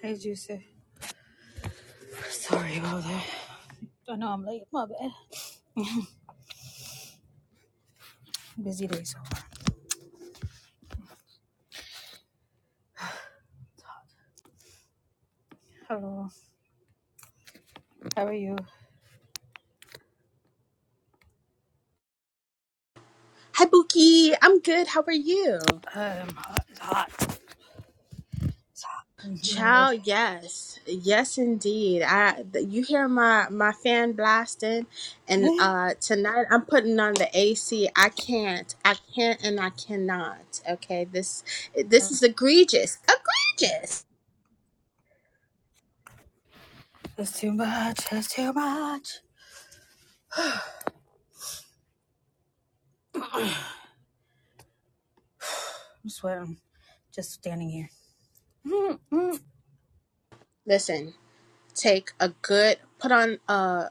Hey, Juicy. Sorry about that. I know I'm late. My bad. Busy day so far. Hello. How are you? Hi, Buki. I'm good. How are you? I'm hot. It's hot. I'm humid. Child, yes, yes, indeed. I th- you hear my my fan blasting, and uh tonight I'm putting on the AC. I can't, I can't, and I cannot. Okay, this this is egregious, egregious. It's too much. It's too much. I'm sweating. Just standing here. Hmm, Listen, take a good put on uh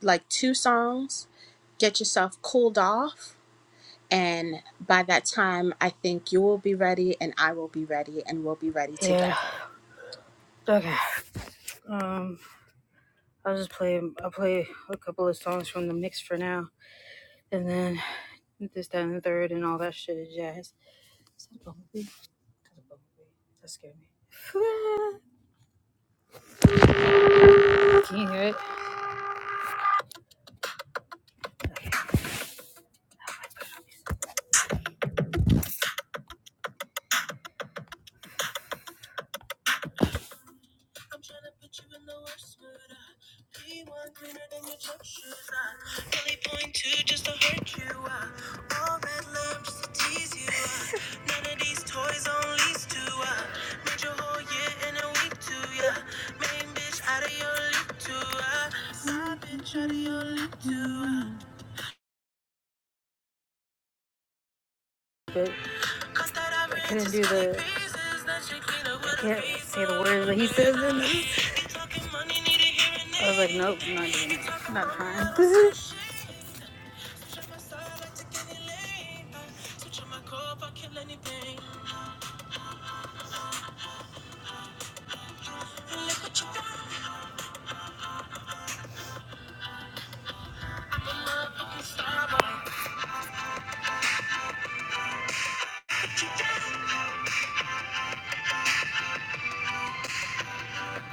like two songs, get yourself cooled off, and by that time, I think you will be ready, and I will be ready, and we'll be ready Yeah. together. Okay. Um, I'll just play. I'll play a couple of songs from the mix for now, and then this, that, and the third, and all that shit is jazz. Is that a bumblebee? That's a bumblebee. That scared me. Can you hear it? Okay. Be one cleaner than your church shoes. I really point two just to hurt you. I all red love just to tease you. I none of these toys on lease to. I made your whole year in a week to. Yeah, main bitch out of your league to. I side bitch out of your league to. I but I read couldn't do the. I can't say the words that he says in this. I was like, nope, I'm not doing it. I'm not trying. Switch on my side, I take any lane. Uh, switch on my core, I kill anything. look what you done. I'm a motherfucking star boy.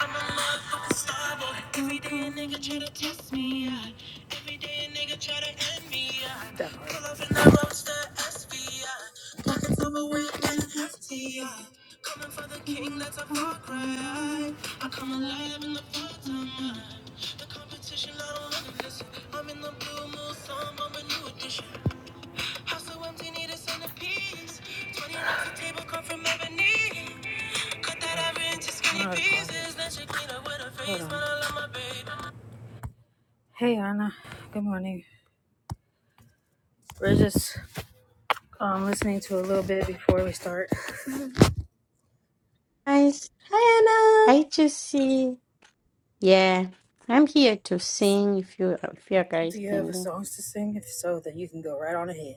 I'm a motherfucking star boy. Every day a nigga try to test me. Yeah. Every day a nigga try to end me. Yeah. Pull up in the roadster SV. Yeah. Pockets overweight and hefty. Yeah. Coming for the king, that's a far cry. yeah. I come alive in the part of mine. The competition, I don't want to miss. I'm in the blue moon, some, I'm a new edition. House so empty, need a centerpiece. 20 rocks a table come from ebony. Cut that ivory into skinny pieces. Then she clean up with her face Hold I love my baby. Hey Anna, good morning. We're just um, listening to a little bit before we start. Guys, Hi, I just see. Yeah, I'm here to sing if you if you Do guys you have a singing. songs to sing? If so, then you can go right on ahead.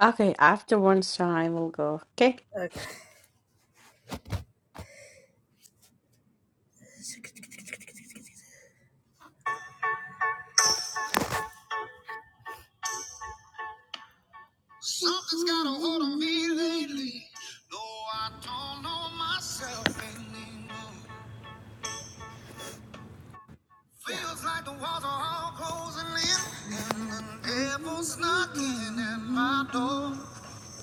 Okay, after one song I will go. Okay, Okay. Something's got a hold of me lately. Though I don't know myself anymore. Feels like the walls are all closing in, and the devil's knocking at my door.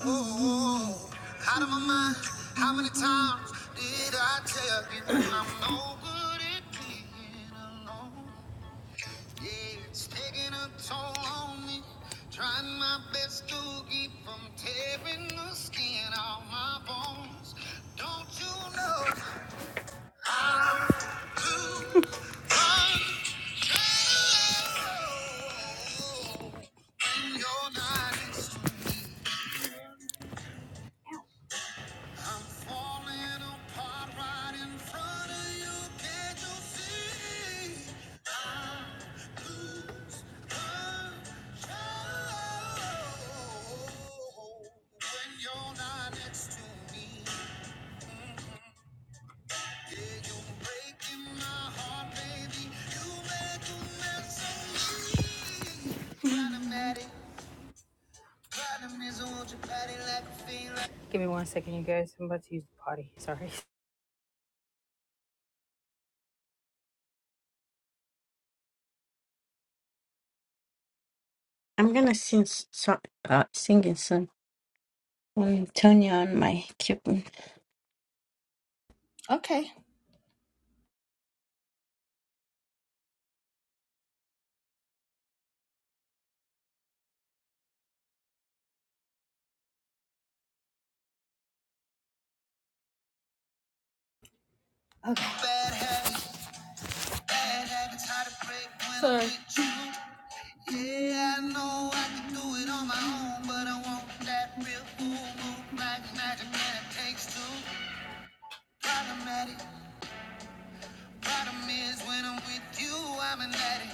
Oh, out of my mind. How many times did I tell you that I'm no good at being alone? Yeah, it's taking a toll on me. Trying my best to keep from tearing the skin off my bones. Don't you know? When you're not next to me. Give me one second, you guys. I'm about to use the potty. Sorry. I'm gonna sing s- song, uh, singing soon. Um, turn on my kitten. Anna. Okay. Sorry. Yeah, I know I can do it on my own, but I want that real cool move like magic and it takes two. Problematic, problem is when I'm with you, I'm an addict.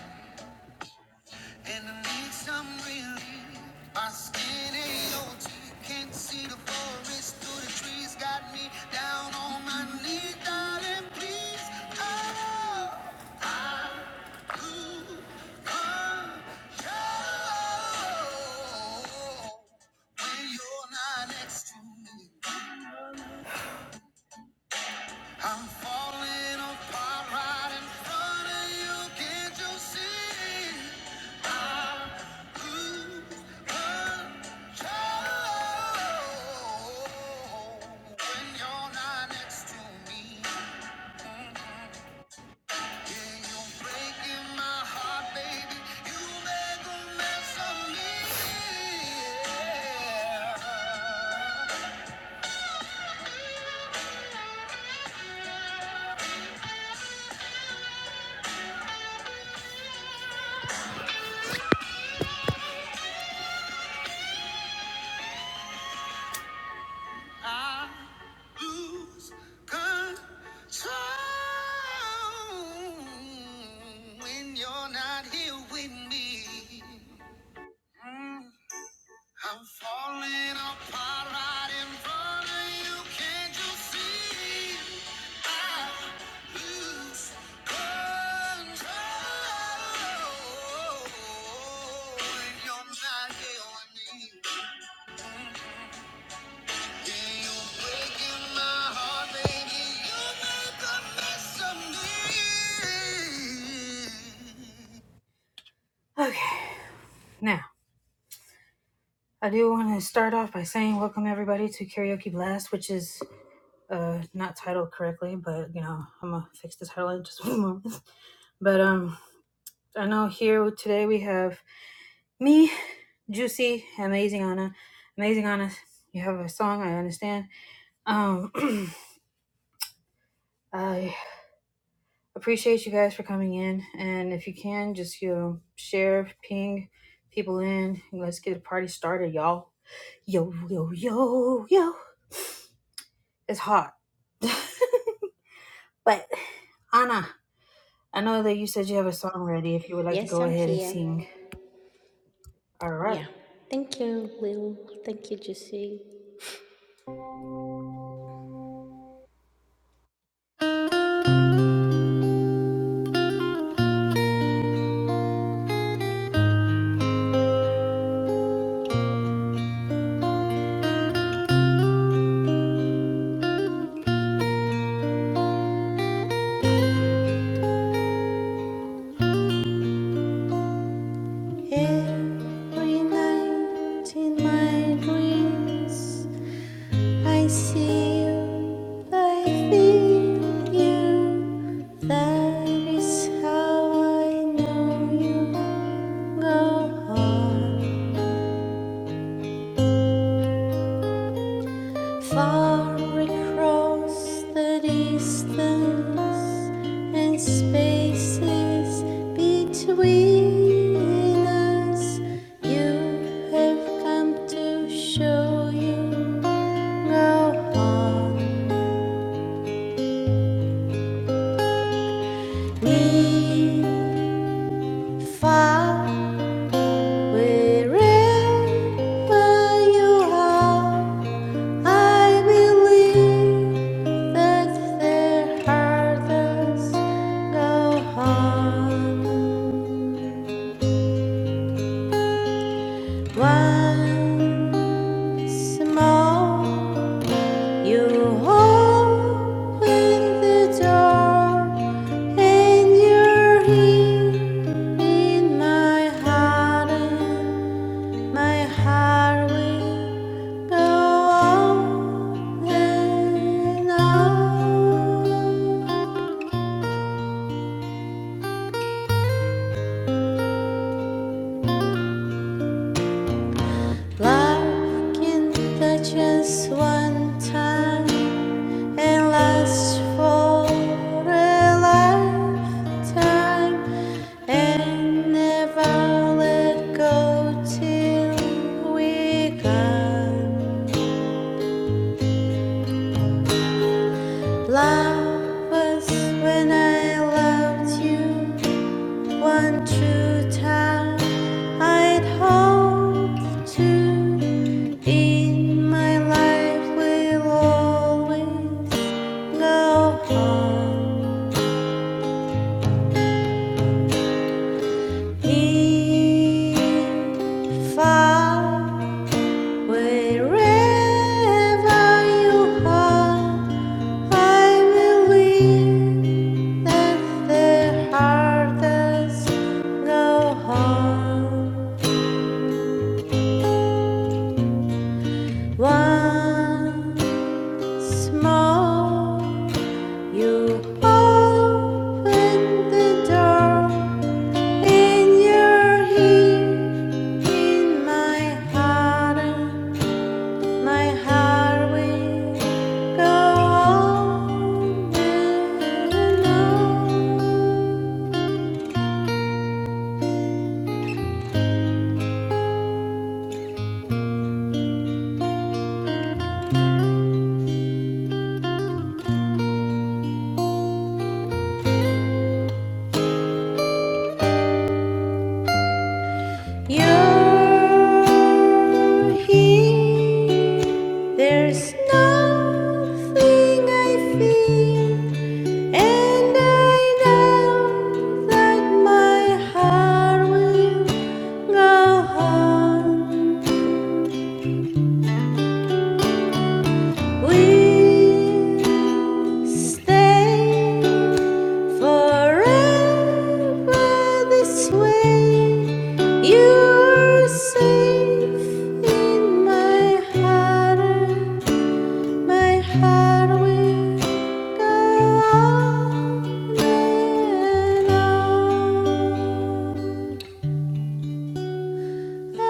And I need some relief. My skin ain't your teeth. Can't see the forest through the trees. Got me down on my knees, darling. Please, oh, I do control when you're not next to me. I'm falling apart right in front of you. Can't you see? lose control when you're not here with me. Mm. I'm falling apart right in front of you. Can't you see? I lose control when you're not here with me. Yeah, you're breaking my heart, baby. You make a mess of me. Okay, now I do want to start off by saying welcome everybody to Karaoke Blast, which is uh not titled correctly, but you know, I'm gonna fix the title in just one moment. But um I know here today we have me, Juicy, Amazing Anna. Amazing Anna, you have a song, I understand. Um I appreciate you guys for coming in and if you can just you know share, ping people in and let's get the party started, y'all. Yo yo yo yo. It's hot. but Anna. I know that you said you have a song ready if you would like to Yes, go I'm ahead and here. sing. All right. Yeah, thank you, Will. Thank you, Jesse. Every night in my dreams. I see you, I feel you. That is how I know you. Go on, far across the distance and spaces between us. You have come to show you. Go on. Need far wherever you are. I believe that there are go harm. Once more, you open the door, and you're here in my heart. and My heart will go on and on. Love can touch us one time. and lasts for a lifetime and never let go till we gone. Love was when I loved you one true time. I'd hope to in my life will always go on. If I wherever you are, I will live that the hardest does no harm. Once more, you open the door in your heart. In my heart, my heart will go on and on. You're here. There's nothing I feel, and I know that my heart will go on We'll stay forever this way. You're safe in my heart. My heart will go on and on. Thank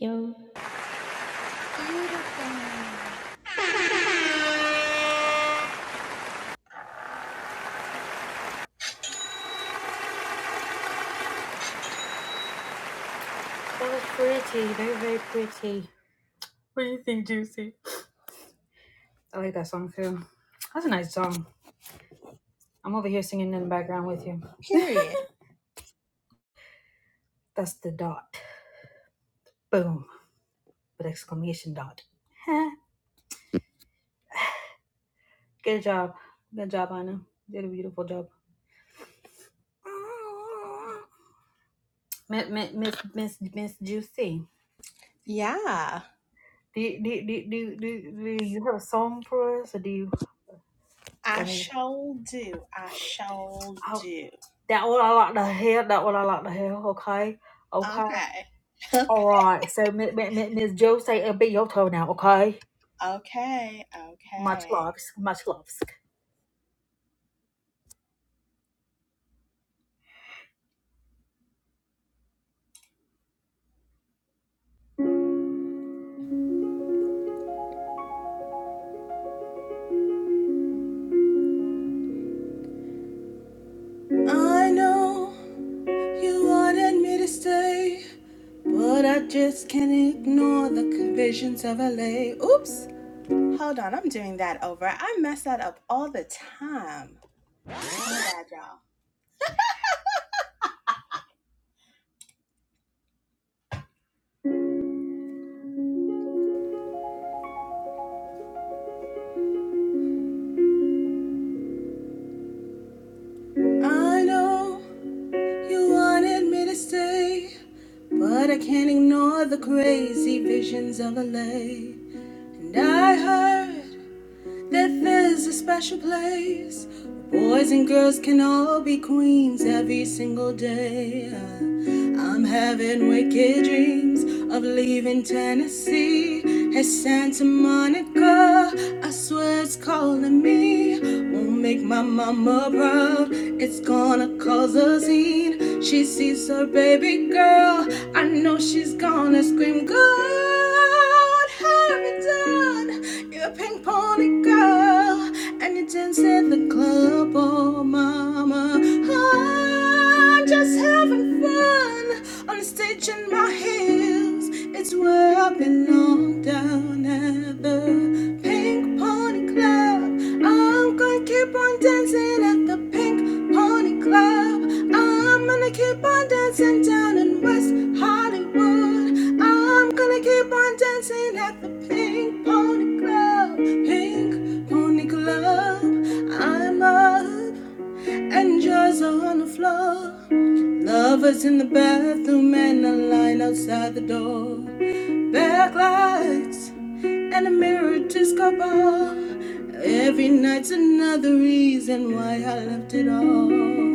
you. Beautiful. That was pretty. Very, very pretty. What do you think, Juicy? I like that song too. That's a nice song. I'm over here singing in the background with you. Period. That's the dot. Boom. With exclamation dot. Huh? Good job. Good job, Anna. You did a beautiful job. Miss Miss Miss Miss Juicy, Yeah. do you, do, you- do, do, do you have a song for us, or do you I want shall do. I shall to? do. That what I like to hear. That what I like to hear. Okay. Okay. Okay. All right. So, Mi- Mi- Mi- Miss Joe, say it'll be your turn now. Okay. Okay. Much Okay. loves. Much loves. I know you wanted me to stay, but I just can't ignore the visions of LA. Oops. Hold on. I'm doing that over. I mess that up all the time. My bad, y'all. I know you wanted me to stay. But I can't ignore the crazy visions of LA. And I heard that there's a special place where boys and girls can all be queens every single day. I'm having wicked dreams of leaving Tennessee. Hey, Santa Monica, I swear it's calling me. Won't make my mama proud, it's gonna cause a scene. She sees her baby girl, I know she's gonna scream, God, have it done. You're a pink pony girl, and you dance in the club, oh mama. I'm just having fun on the stage in my heels. It's where I've been knocked down at the Pink Pony Club. I'm gonna keep on dancing at the Pink Pony Club. I'm gonna keep on dancing down in West Hollywood. I'm gonna keep on dancing at the Pink Pony Club. Pink Pony Club. I'm up and jars are on the floor. Lovers in the bathroom and a line outside the door. Backlights and a mirror disco ball. Every night's another reason why I left it all.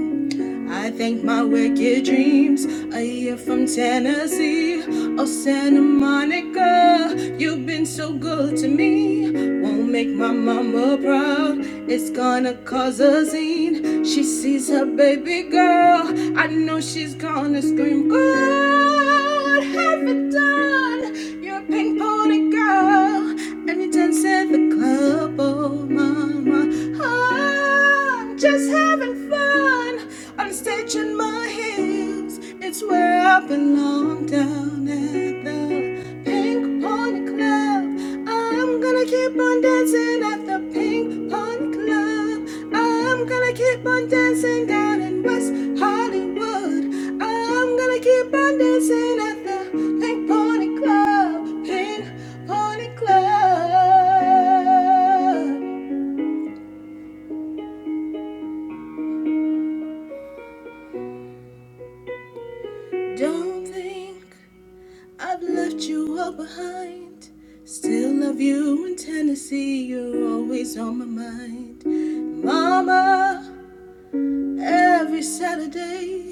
I thank my wicked dreams. A year from Tennessee, oh Santa Monica, you've been so good to me. Won't make my mama proud. It's gonna cause a scene. She sees her baby girl. I know she's gonna scream. God, have it done. You're a pink pony girl, and you dance at the club, oh mama. I'm just having fun. I'm stretching my heels, it's where I belong down at the Pink Pony Club. I'm gonna keep on dancing at the Pink Pony Club. I'm gonna keep on dancing down in West Hollywood. I'm gonna keep on dancing at the Pink Pony Club. Pink Pony Club. Don't think I've left you all behind. Still love you in Tennessee. You're always on my mind. Mama, every Saturday.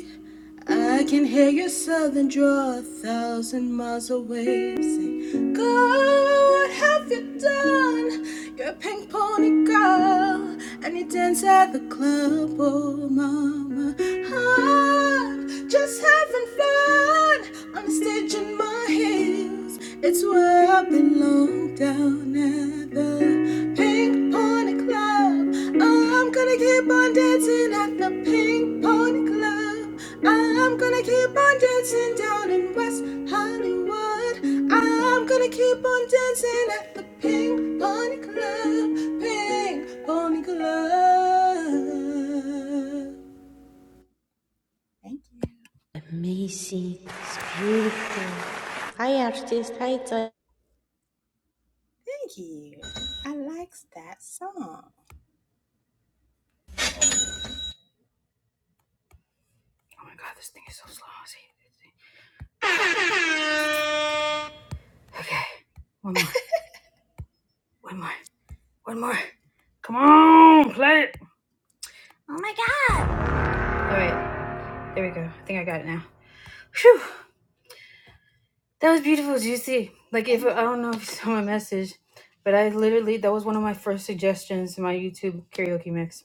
I can hear your southern drawl a thousand miles away. Sing, girl, what have you done? You're a pink pony girl, and you dance at the club, oh mama. I'm just having fun on the stage in my heels. It's where I belong down at the Pink Pony Club. Oh, I'm gonna keep on dancing at the Pink Pony Club. Oh, I'm gonna keep on dancing down in West Hollywood. Oh, I'm gonna keep on dancing at the Pink Pony Club. Pink Pony Club. Thank you. Amazing. It was beautiful. Thank you. I likes that song. Oh my God, this thing is so slow. I see it. Okay. One more. One more. One more. Come on, play it. Oh my God. All right. There we go. I think I got it now. Phew. That was beautiful, Juicy. Like, if I don't know if you saw my message, but I literally, that was one of my first suggestions in my YouTube karaoke mix.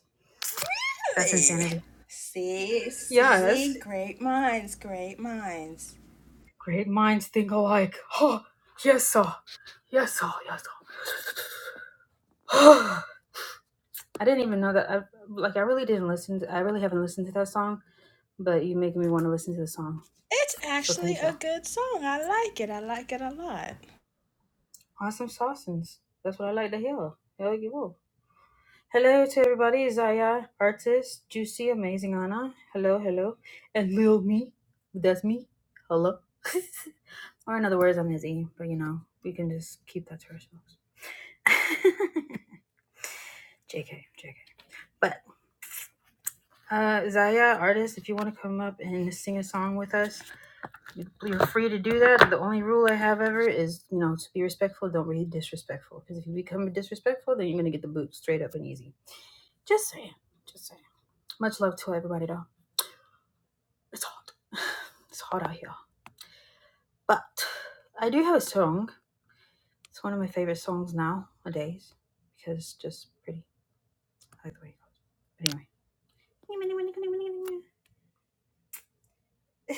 That's insanity. See, Yes, see, great minds, great minds. great minds think alike. Oh, yes, sir. Yes, sir. Yes, sir. I didn't even know that. I like. I really didn't listen. To, I really haven't listened to that song, but you make me want to listen to the song. So thank y'all. awesome saucins. That's what I like to hear. Hell, you will. Hello to everybody. Zaya, artist, juicy, amazing Anna. Hello, hello, and Lil Me. That's me. Hello. or in other words, I'm Izzy. But you know, we can just keep that to ourselves. JK, JK. But uh Zaya, artist, if you want to come up and sing a song with us, you- are free to do that. The only rule I have ever is, you know, to be respectful, don't be disrespectful. Because if you become disrespectful, then you're gonna get the boot straight up and easy. Just saying. Just saying. Much love to everybody though. It's hot. It's hot out here. But I do have a song. It's one of my favorite songs nowadays. Because it's just pretty. I like the way it goes. But anyway.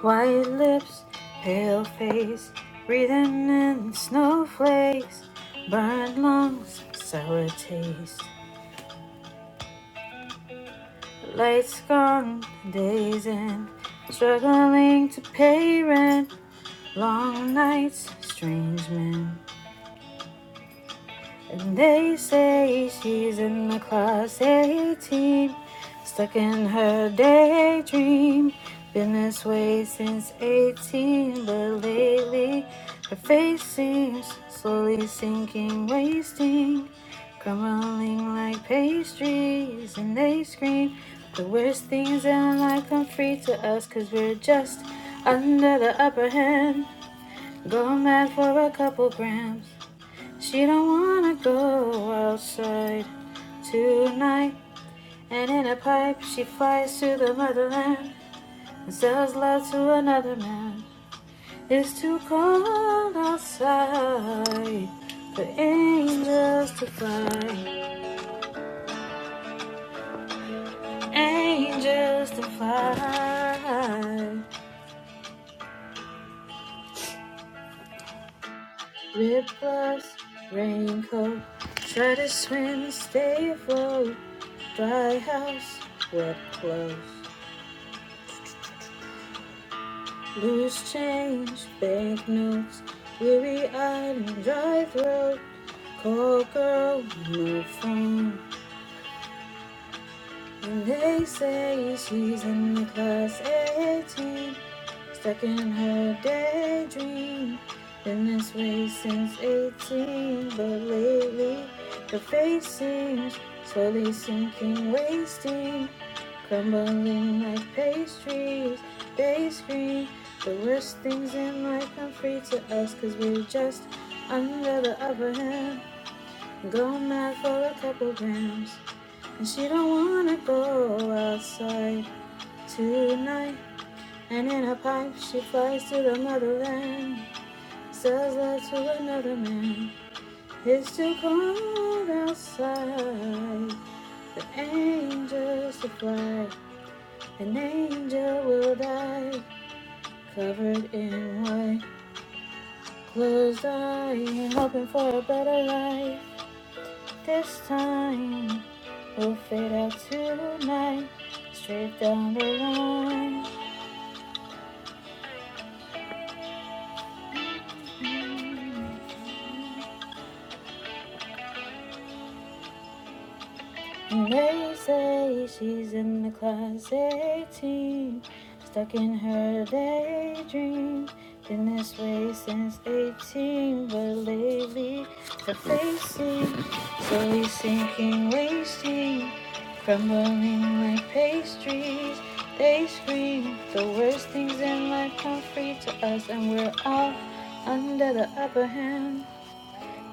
White lips, pale face, breathing in snowflakes, burnt lungs, sour taste. Lights gone, days in, struggling to pay rent, long nights, strange men. And they say she's in the class 18, stuck in her daydream. Been this way since 18, but lately her face seems slowly sinking, wasting, crumbling like pastries. And they scream the worst things in life come free to us, cause we're just under the upper hand. Go mad for a couple grams. She don't wanna go outside tonight. And in a pipe, she flies to the motherland and sells love to another man. It's too cold outside for angels to fly, angels to fly. Rip gloves, raincoat, try to swim, stay afloat. Dry house, wet clothes. Loose change, banknotes, weary eyed and dry throat. Call girl, no phone. And they say she's in the class 18. Stuck in her daydream. Been this way since 18, but lately the face seems slowly sinking, wasting, crumbling like pastries. They scream the worst things in life come free to us, cause we're just under the upper hand. Go mad for a couple grams, and she don't wanna go outside tonight. And in a pipe she flies to the motherland, sells love to another man. It's too cold outside. The angels to fly, an angel will die, covered in white. Closed eye, hoping for a better life. This time we will fade out tonight, straight down the line. And they say she's in the class 18, stuck in her daydream. Been this way since 18, but lately the facing, slowly sinking, wasting, crumbling like pastries. They scream the worst things in life come free to us, and we're all under the upper hand.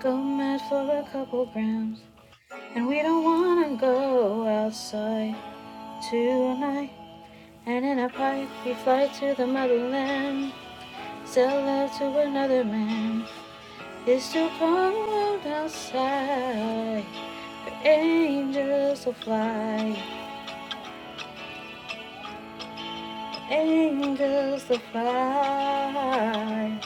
Go mad for a couple grams. And we don't wanna go outside tonight. And in a pipe, we fly to the motherland. Sell out to another man. It's too cold outside. But angels will fly. Angels will fly.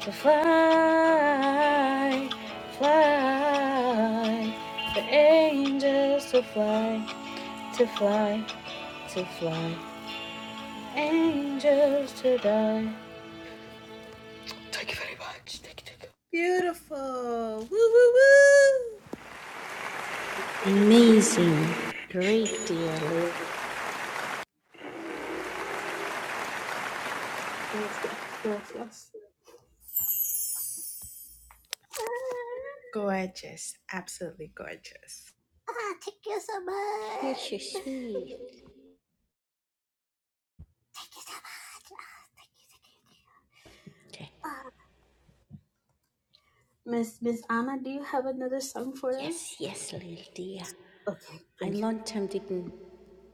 To fly, fly. The angels will fly, to fly, to fly. angels to die. Thank you very much. Thank you. Thank you. Beautiful. Woo, woo, woo. Amazing. Great, dear Lil. Gorgeous. Absolutely gorgeous. Ah, thank you so You're much. so sweet. Thank you so much. Ah, thank you, thank Okay. you. Ah, Miss Miss Anna, do you have another song for us? Yes, yes, Lil, dear. Okay, I thank you. long time didn't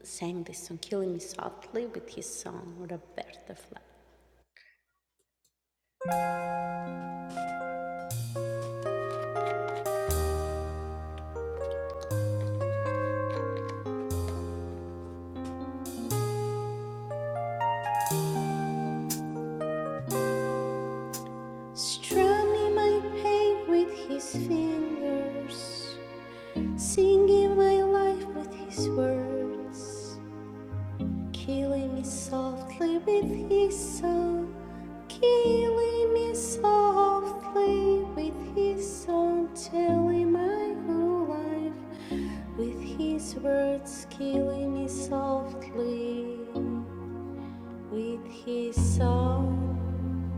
sang this song, Killing Me Softly, with his song Roberta Flack. Strumming my pain with his fingers, singing my life with his words, killing me softly with his song, killing me softly with his song, telling my whole life with his words, killing me softly. With his song,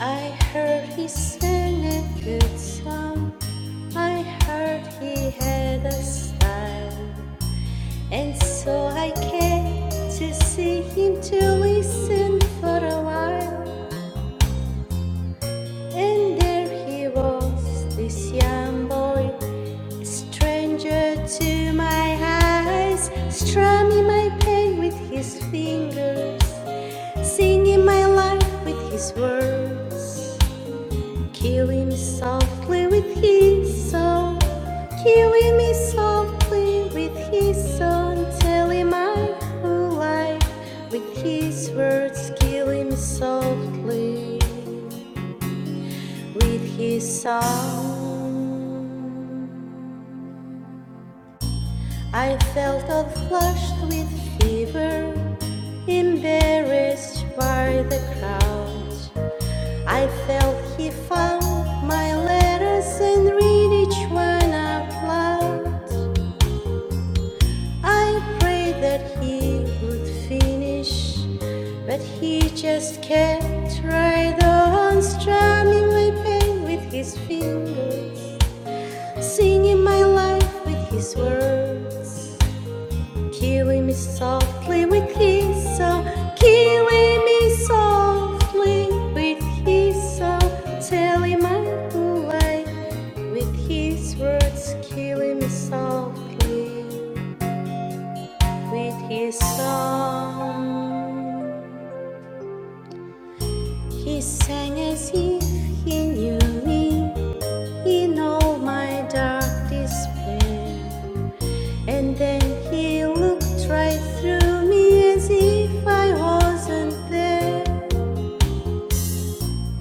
I heard he sang a good song. I heard he had a style, and so I came to see him to listen for a while. And there he was, this young boy, a stranger to my eyes, strumming my pain with his fingers. singing my life with his words, killing me softly with his song, killing me softly with his song, telling my whole life with his words, killing me softly with his song. I felt all flushed with fever, embarrassed by the crowd. I felt he found my letters and read each one out loud. I prayed that he would finish, but he just kept right on strumming my pain with his fingers, singing my life with his words. Killing me softly with his so killing me softly with his so telling my lie with his words killing me softly with his song he sang as if he knew me in all my dark despair and then he looked right through me as if I wasn't there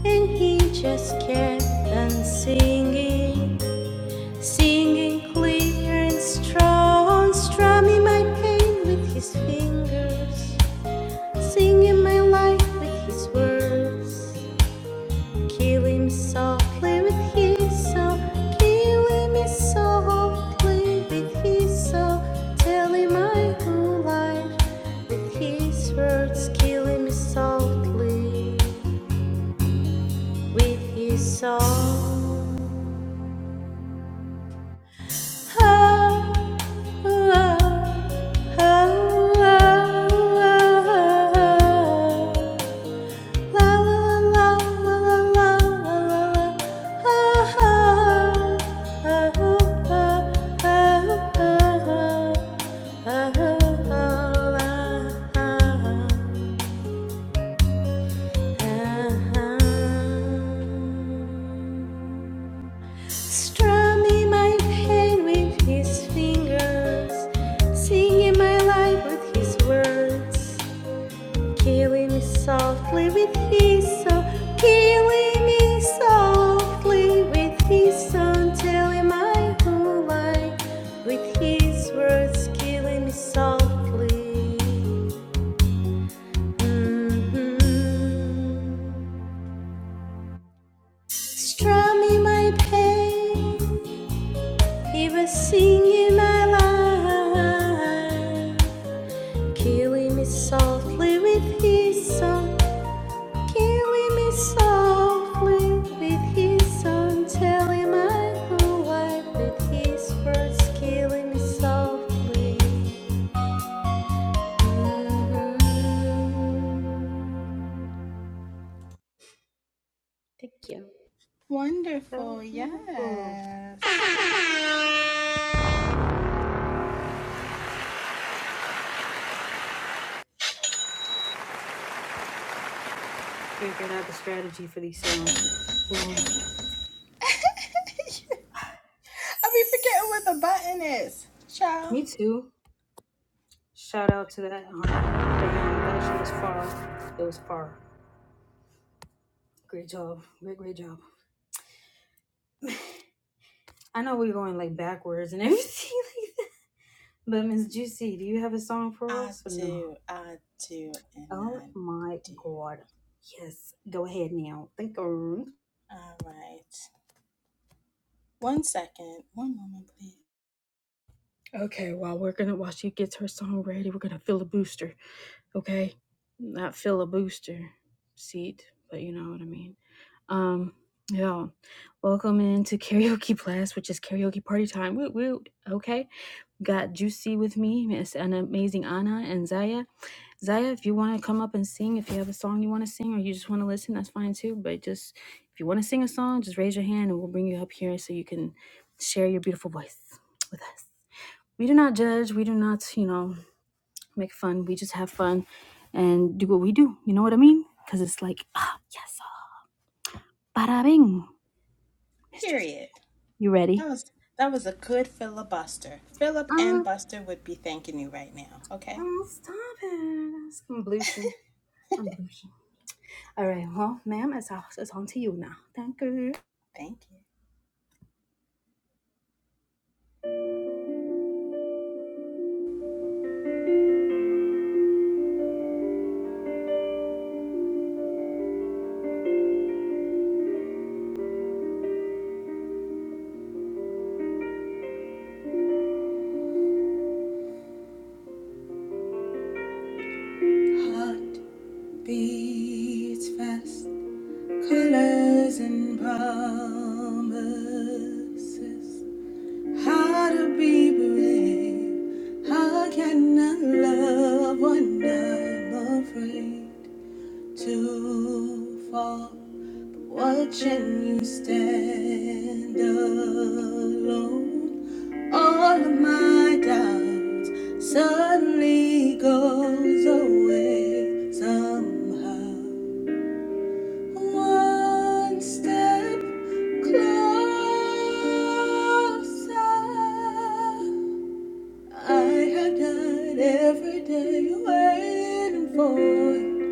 And he just kept on singing, singing clear and strong, strumming my pain with his fingers, singing my life with his words, killing me softly with his soul, killing me softly with his soul, telling my whole life with his words, killing me softly with his song. Ah Strumming my pain with his fingers, singing my life with his words, killing me softly with his soul, killing me softly with his song, telling my whole life with his words, killing me softly. Mhm. Strumming my pain He was singing my life, killing me softly with his song, killing me softly with his song, telling my whole life with his words, killing me softly. Thank you. That was Wonderful. Yes. beautiful. Figured out the strategy for these songs. Um, I will be forgetting what the button is. Ciao. me too. Shout out to that um, band. That shit was far. It was far. Good job. Good job. I know we're going like backwards and everything, but Miss Juicy, do you have a song for I us or no? do. I do. And Oh I my do. God. Yes. Go ahead now. Thank you. All right. One I feel a booster, okay? Not feel a booster seat, but you know what I mean. Um, yeah. Welcome into karaoke blast, which is karaoke party time. Woot woot. Okay. Got Juicy with me, Miss an amazing Anna and Zaya. Zaya, if you want to come up and sing, if you have a song you want to sing or you just want to listen, that's fine too. But just if you want to sing a song, just raise your hand and we'll bring you up here so you can share your beautiful voice with us. we do not judge we do not you know make fun we just have fun and do what we do you know what i mean because it's like ah yes ah, bada bing mistress period. you ready That was that was a good filibuster. Philip uh, and uh Buster would be thanking you right now. Okay. stop it it's convolution convolution all right well ma'am it's, it's on to you now thank you Thank you. Heart beats fast. Pillars and promises. How to be brave. How can I love when I'm afraid to fall? Watching you stand alone. All of my doubts suddenly goes away somehow. One step Closer. I have died every day waiting for it.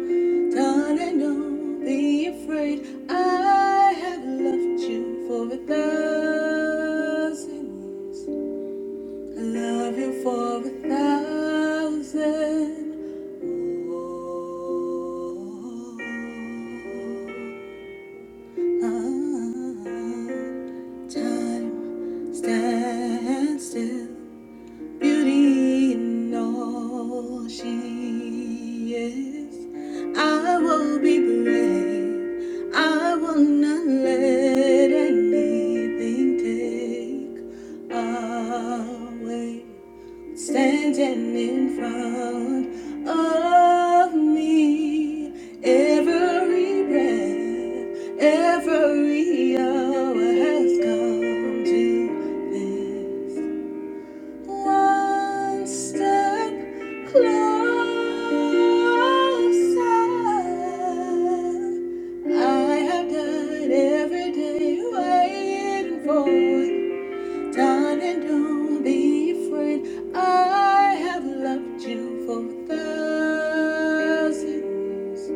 Done and don't be afraid. I have loved you for a thousand years. I love you for a thousand. more. Ah, time Stand still, beauty in all she is. I will be brave. I will not let anything take away standing in front of me. Every breath, every hour has come to this. One step closer. I have died every day waiting for. Darling, don't be afraid. I have loved you for a thousand. years.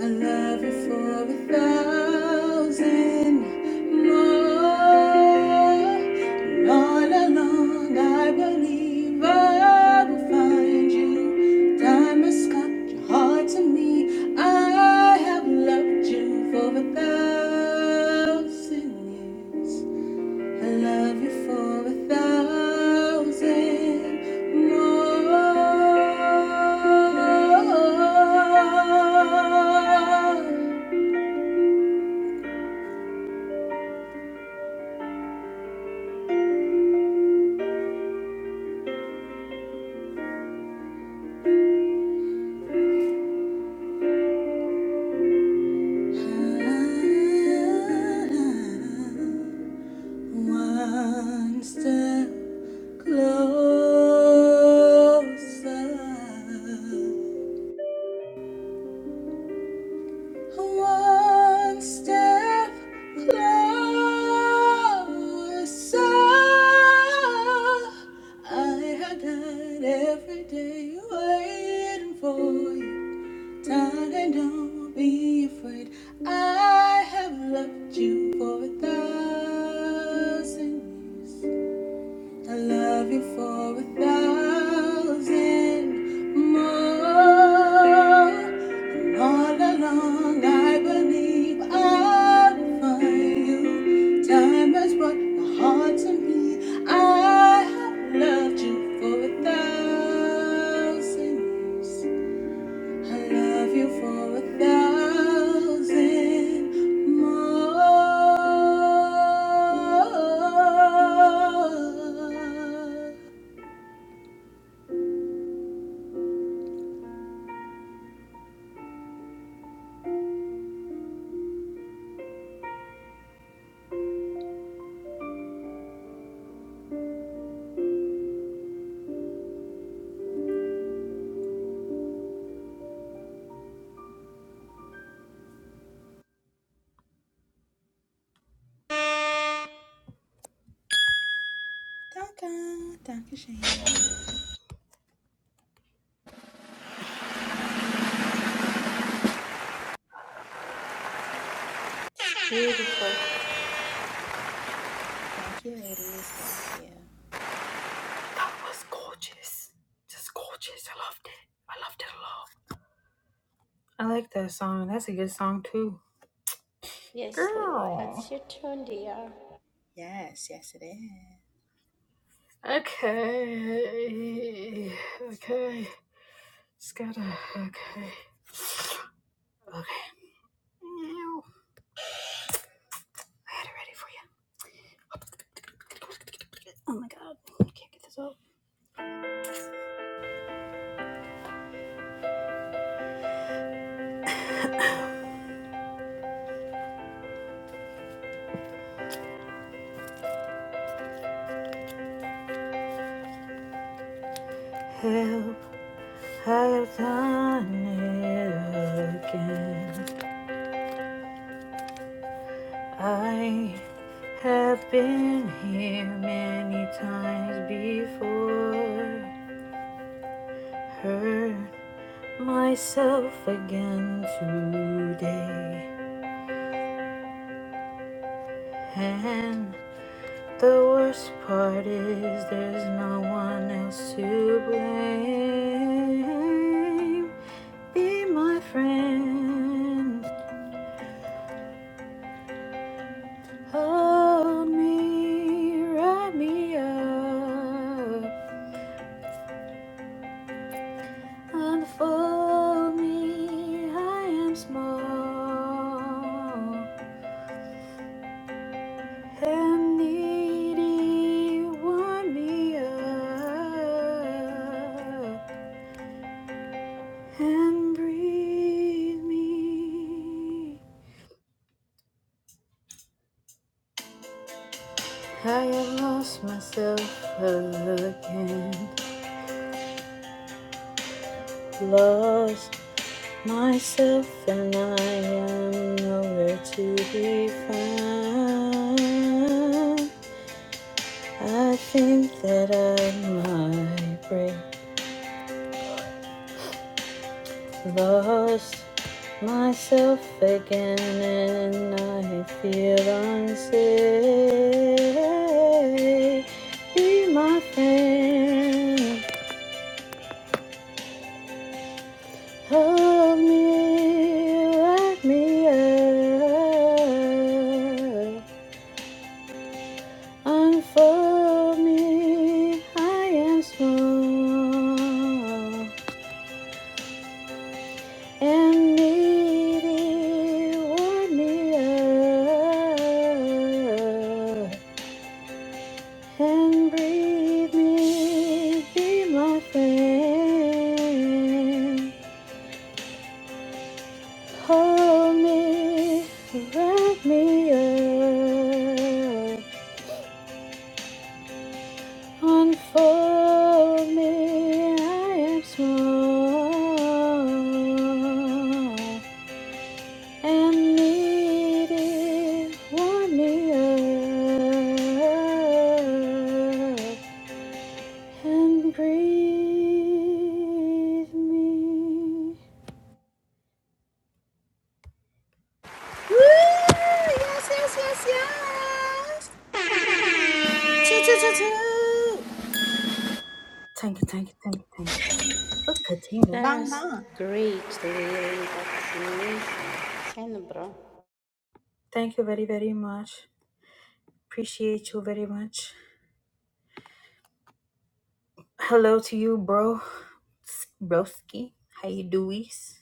I love you for a thousand more. And all along, I believe I will find you. Time has cut your heart to me. I have loved you for a thousand years. I love you for a thousand more. One step closer. One step closer. I have died every day waiting for you. Darling, don't be afraid. I have loved you for a thousand years. I love you for a thousand more. And all along, I believe I'll find you. Time has brought my heart to me. I have loved you for a thousand years. I love you for a thousand more. It's beautiful. Thank you, ladies. Thank you. I like that song. That's a good song too. Yes, Lil, that's Girl. your turn, dear. Yes, yes, it is. Okay. Okay. Just gotta. Okay. Okay. I had it ready for you. Oh my god, I can't get this off. Help, I've done it again. I have been here many times before. Hurt myself again today. And the worst part is there's no one else to blame. Be my friend. Hold me, wrap me up, unfold me. I am small and needy. Warm me up and breathe me. I have lost myself again, lost Myself and I am nowhere to be found. I think that I might break lost myself again, and I feel unsafe. Be my friend, hold me, wrap me up. Unfold me, I am small and needy. Warm me up and breathe me, be my friend. Hold me, wrap me up. Unfold me, I am small and needy. Warm me up and breathe me. Woo! Yes, yes, yes, yes. Choo, choo, choo, choo. Thank you, thank you, thank you, thank you. Look, Katinga. That Bang, was bang. great, Lily. That was amazing. Send, bro. Thank you very, very much. Appreciate you very much. Hello to you, bro. Broski. How you doies?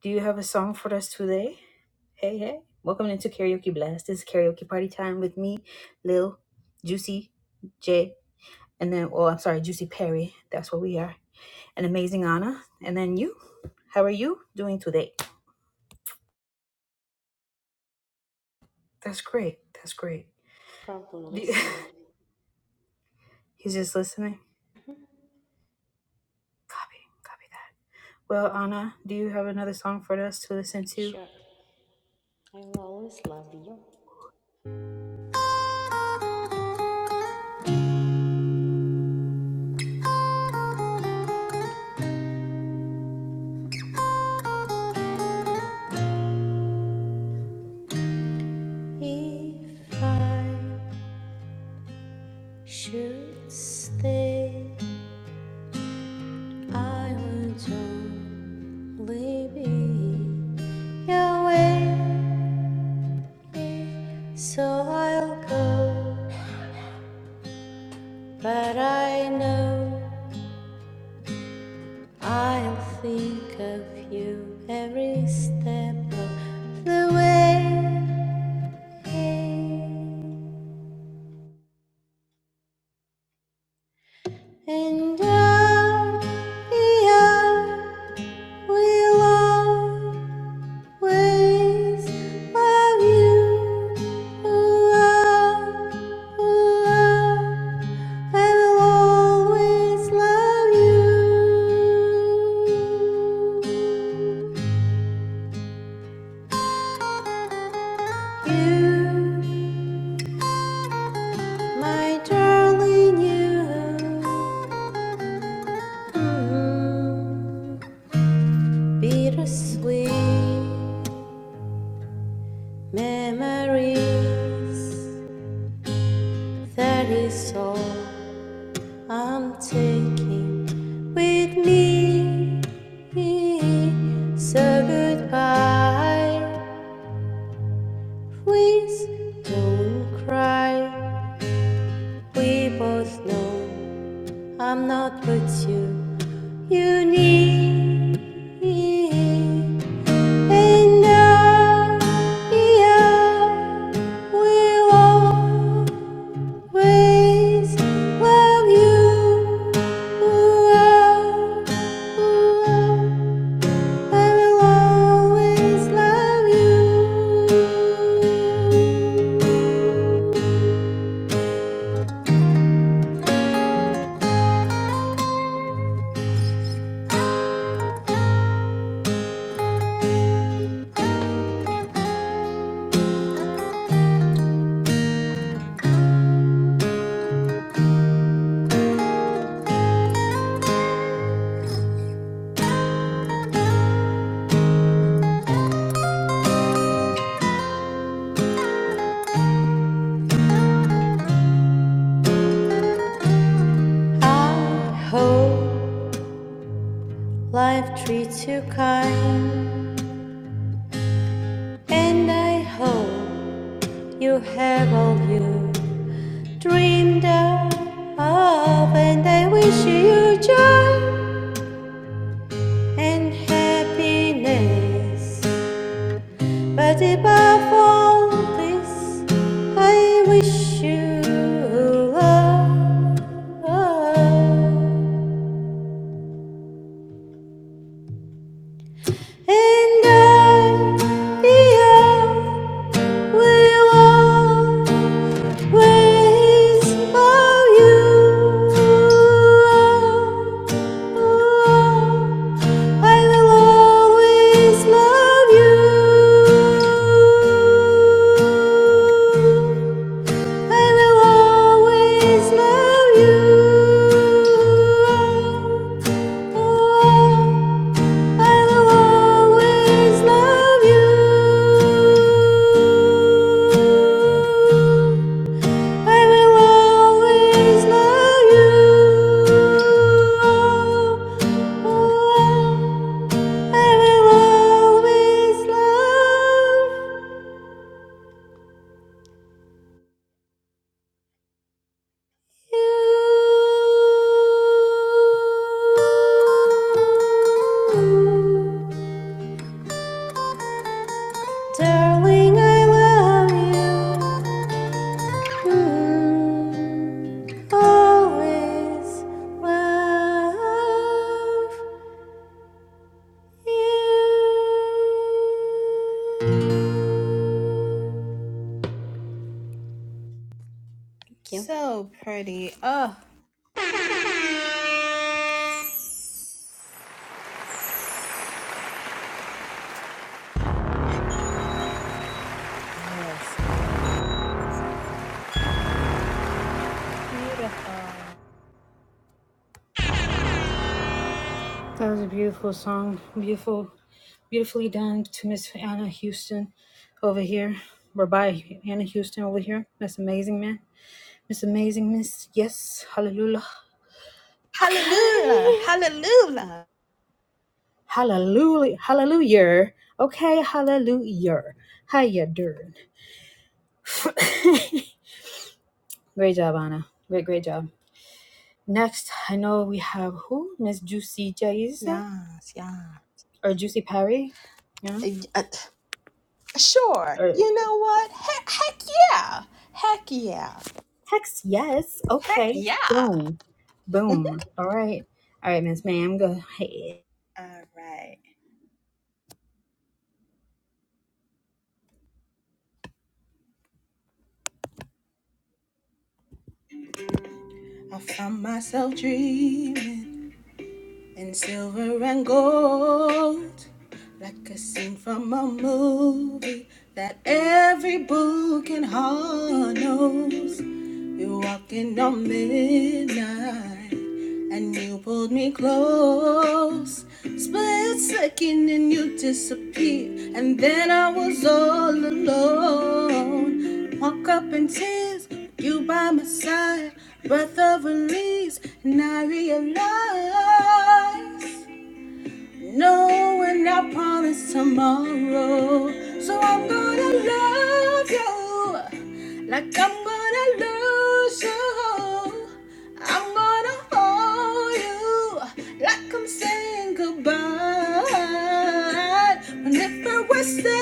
Do you have a song for us today? Hey, hey. Welcome into Karaoke Blast. This is karaoke party time with me, Lil, Juicy, Jay, and then, oh, I'm sorry, Juicy Perry. That's what we are. An amazing Anna. And then you. How are you doing today? That's great. That's great. Problem Do you, listening. he's just listening. Copy. Copy that. Well, Anna, do you have another song for us to listen to? Sure. I will always love you. If I should stay, I would only be away. So I'll go, but I know I'll think of you every step of the way. And out, the out, we'll always love you. Ooh, ah, ooh, ah, I will always love you. You, my darling, you, mm, bittersweet. Memories that is all I'm taking with me. So goodbye. Please don't cry. We both know I'm not what you you need. And now, yeah, we'll always love you. Ooh, ah, ooh, ah, I will always love you. I hope life treats you kind, and I hope you have all you dreamed of. And I wish you joy. and happiness. But above all this, I wish you love. And I, yeah, will always love you. Oh, I will always love you. I will always love you. Oh, I will always love you. I will always love you. I will always love you. Darling, I love you. Always love you. Thank you. So pretty. Oh, That was a beautiful song. Beautiful, beautifully done to Miss Anna Houston over here. Or by Anna Houston over here. That's amazing, man. Miss Amazing Miss. Yes. Hallelujah. hallelujah. Okay. Hallelujah. Hallelujah. Hallelujah. Okay. Hallelujah. How you doing? great job, Anna. Great, great job. Next, I know we have who? Miss Juicy Jayza or Juicy Perry? Yeah. Uh, uh, sure. Or You know what? Heck, heck yeah. Heck yeah. Hex, yes. Heck Okay. yeah. Boom. Boom. All right. All right, Miss Ma'am, go ahead. All right. I found myself dreaming in silver and gold, like a scene from a movie that every book and hall knows. You're walking on midnight and you pulled me close. Split second and you disappeared, and then I was all alone. Walk up in tears, you by my side, breath of release, and I realize knowing I promised tomorrow. So I'm gonna love you. Like I'm gonna lose you. I'm gonna hold you. Like I'm saying goodbye. And if I was there.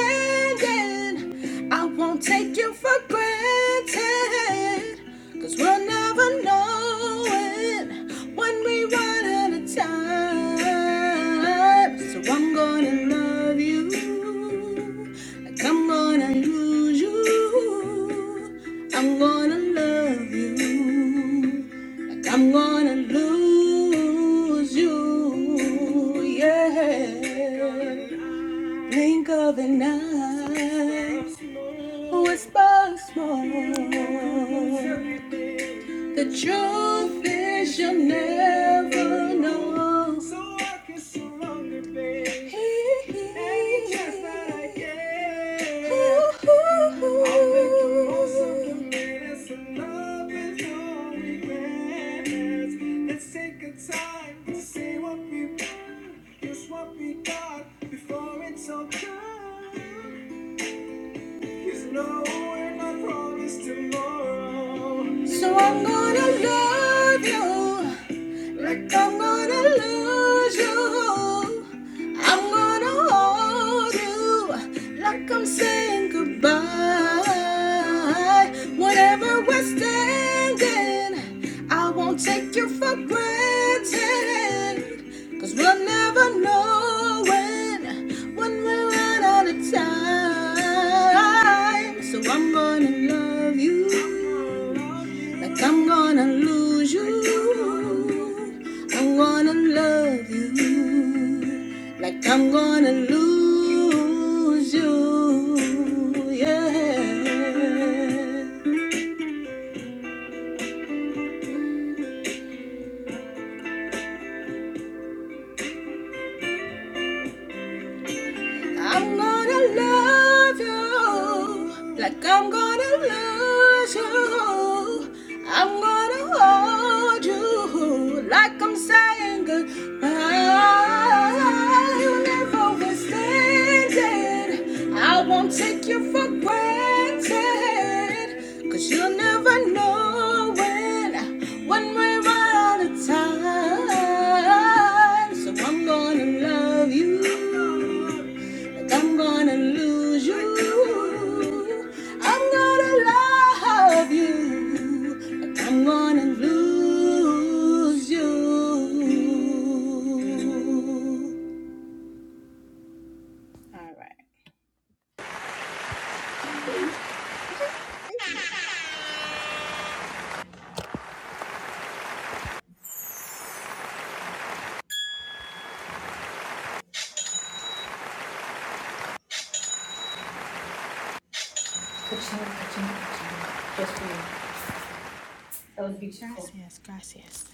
I won't take you for granted. Cause we'll never know it when we run out of time. So I'm gonna love you. Like I'm gonna lose you. I'm gonna love you. Like I'm gonna lose you. Yeah. Think of the night. Whisper small. The truth is you'll never know. So I can surrender, babe. And just like it. I can. I'll make the most of the minutes and love is all we grant. Let's take a time to say what we want, just what we got before it's all gone. There's no way I promise tomorrow. So I'm gonna love you. Like I'm gonna lose you. I'm gonna hold you. Like I'm saying goodbye. Whenever we're standing, I won't take you for granted. we we'll never know when, when we run out of time. So I'm gonna love you. Like I'm gonna lose you. I'm gonna love you. Like I'm gonna lose you. Yeah. I'm gonna love you like I'm gonna lose you. I'm gonna hold you like I'm saying goodbye. You never understand it. I won't take you for granted, you you'll never know when, when we're out of time. So I'm gonna love you. I'm gonna lose you. I'm gonna love you. But I'm gonna lose you. All right. Gracias, gracias.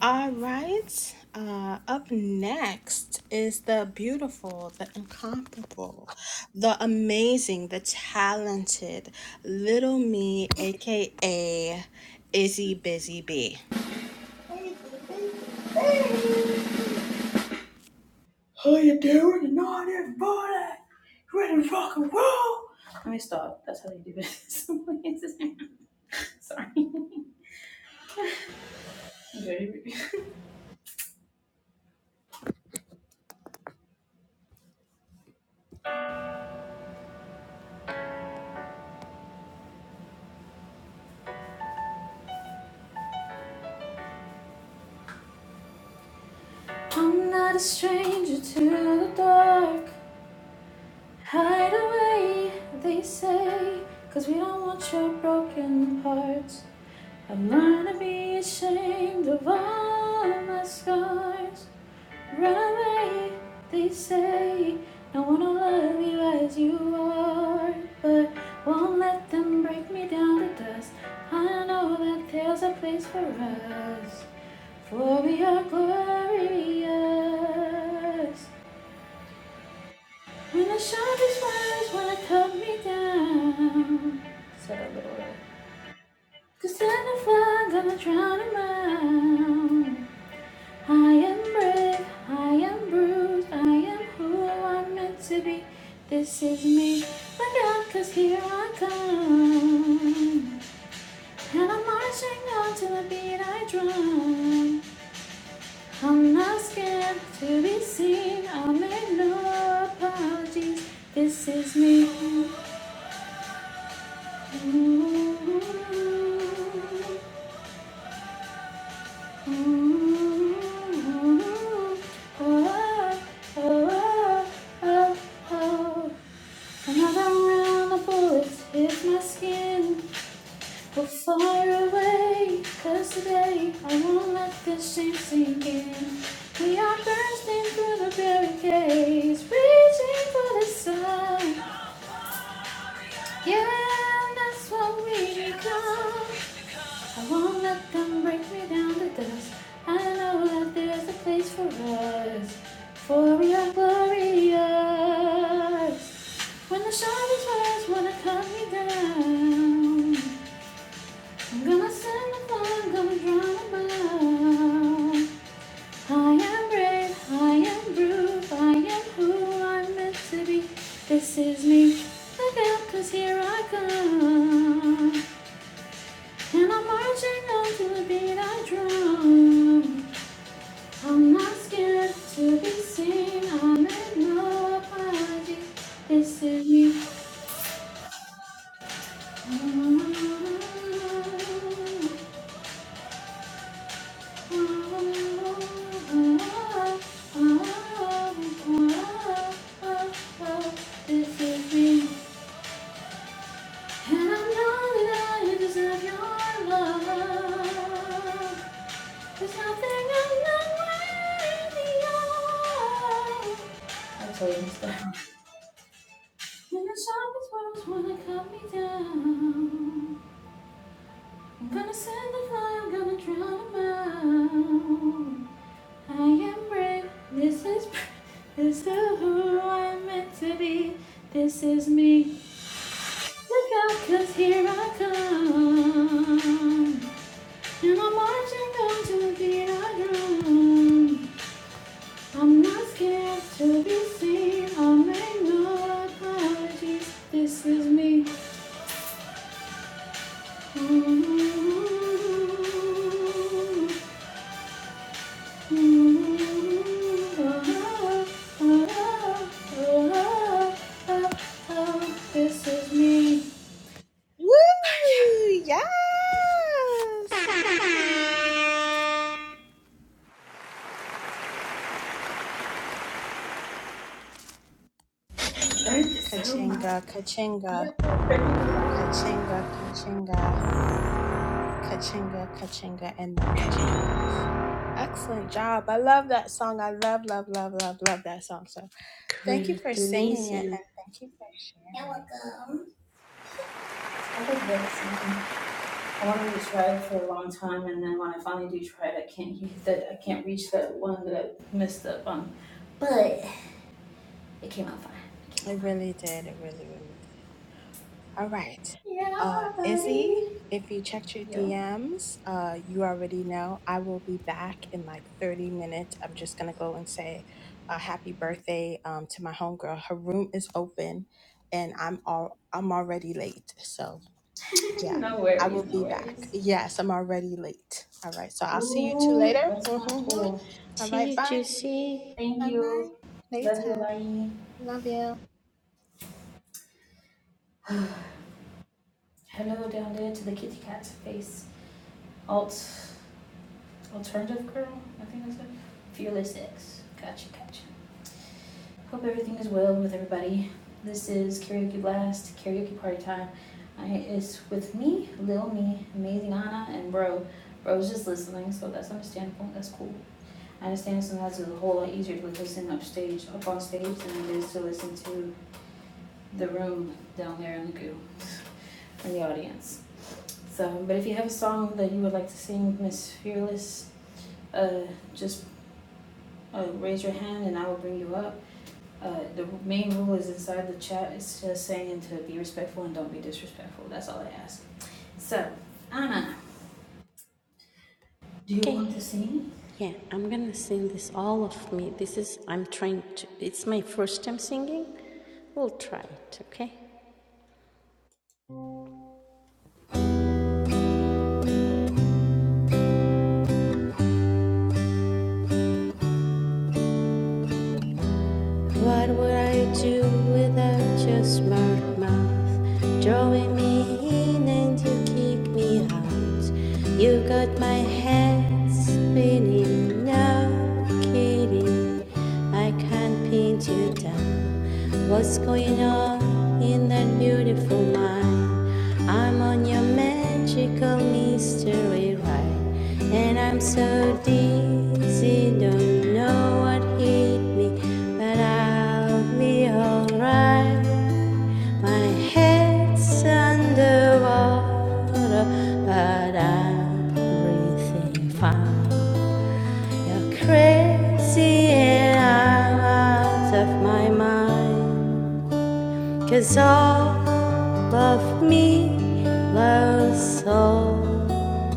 All right. Uh, up next is the beautiful, the incomparable, the amazing, the talented Little Me, aka Izzy Busy. I'm not a stranger to the dark. Hide away, they say, cause we don't want your broken hearts. I'm learned to be ashamed of all my scars. Run away, they say, no one will love you as you are. But won't let them break me down to dust. I know that there's a place for us. For we are glorious. When the sharpest words wanna cut me down. Said a little Cause then I find that I'm drowning out. I am brave, I am bruised, I am who I'm meant to be. This is me, my out cause here I come. And I'm marching on to the beat I drum. I'm not scared to be seen. I make no apologies. This is me. Oh, oh, oh, oh. Another round of bullets hits my skin. We're far away, cause today I won't let this shame sink in. We are bursting through the barricades, reaching for the sun. Yeah, that's what we become. I won't let them break me down to dust. I know that there's a place for us, for we are glorious. When the sharpest words wanna cut me down. I'm gonna send the phone, I'm gonna drown 'em out. I am brave, I am brute, I am who I'm meant to be. This is me. Look out, 'cause here I come. And I'm marching on to the beat I drum. I'm not scared to be seen, I make no apologies. This is me. This is me, and I know that I deserve your love. There's nothing I'm not worthy of. When the sharpest words wanna cut me down, I'm gonna send the fire, I'm gonna drown 'em out. I am brave. This is this is who I'm meant to be. This is me. Look out, cause here I come. And I'm marching on to the beat I drum. I'm not scared to be seen. I make no apologies. This is me. Ooh, ooh, ooh, ooh. Woo! Yes! Kachinga, kachinga, kachinga, kachinga, kachinga, kachinga, and Excellent job. I love that song. I love, love, love, love, love that song. So thank you for Great, singing it amazing. and thank you for That was sharing. good. I like that song. I wanted to try it for a long time, and then when I finally do try it, I can't use that. I can't reach that one that I messed up on. But it came out fine. It came out It fine. really did. It really, really did. All right. Uh, Yeah, Izzy, buddy. if you checked your Yo. DMs, uh, you already know I will be back in like 30 minutes. I'm just going to go and say a happy birthday um, to my homegirl. Her room is open and I'm all, I'm already late. So, yeah, no I worries. will No be back. worries. Yes, I'm already late. All right. So I'll see you two Ooh, later. that's not cool. All See right. you, Bye. Juicy. Thank All you. right. Love you, Later. bye. Love you. Hello down there to the kitty cat's face. Alt, alternative girl. I think that's it. Fearless X. Gotcha, gotcha. Hope everything is well with everybody. This is Karaoke Blast, Karaoke Party Time. I, it's with me, Lil Me, Amazing Anna, and Bro. Bro's just listening, so that's understandable. That's cool. I understand sometimes it's a whole lot easier to like, listen upstage, up on stage than it is to listen to the room down there in the goo, in the audience. So, but if you have a song that you would like to sing, Miss Fearless, uh, just uh, raise your hand and I will bring you up. Uh, the main rule is inside the chat, it's just saying to be respectful and don't be disrespectful, that's all I ask. So, Anna, do you Okay. want to sing? Yeah, I'm gonna sing this all of me. This is I'm trying to. It's my first time singing. We'll try it. Okay. What would I do without your smart mouth? Drawing me in and you kick me out. You got my head spinning, no kidding. I can't pin you down. What's going on in that beautiful mind? I'm on your magical mystery ride, and I'm so dizzy, don't know what hit me, but I'll be alright. My head's underwater, but I'm breathing fine. You're crazy, and I'm out of my mind. Cause all of me loves all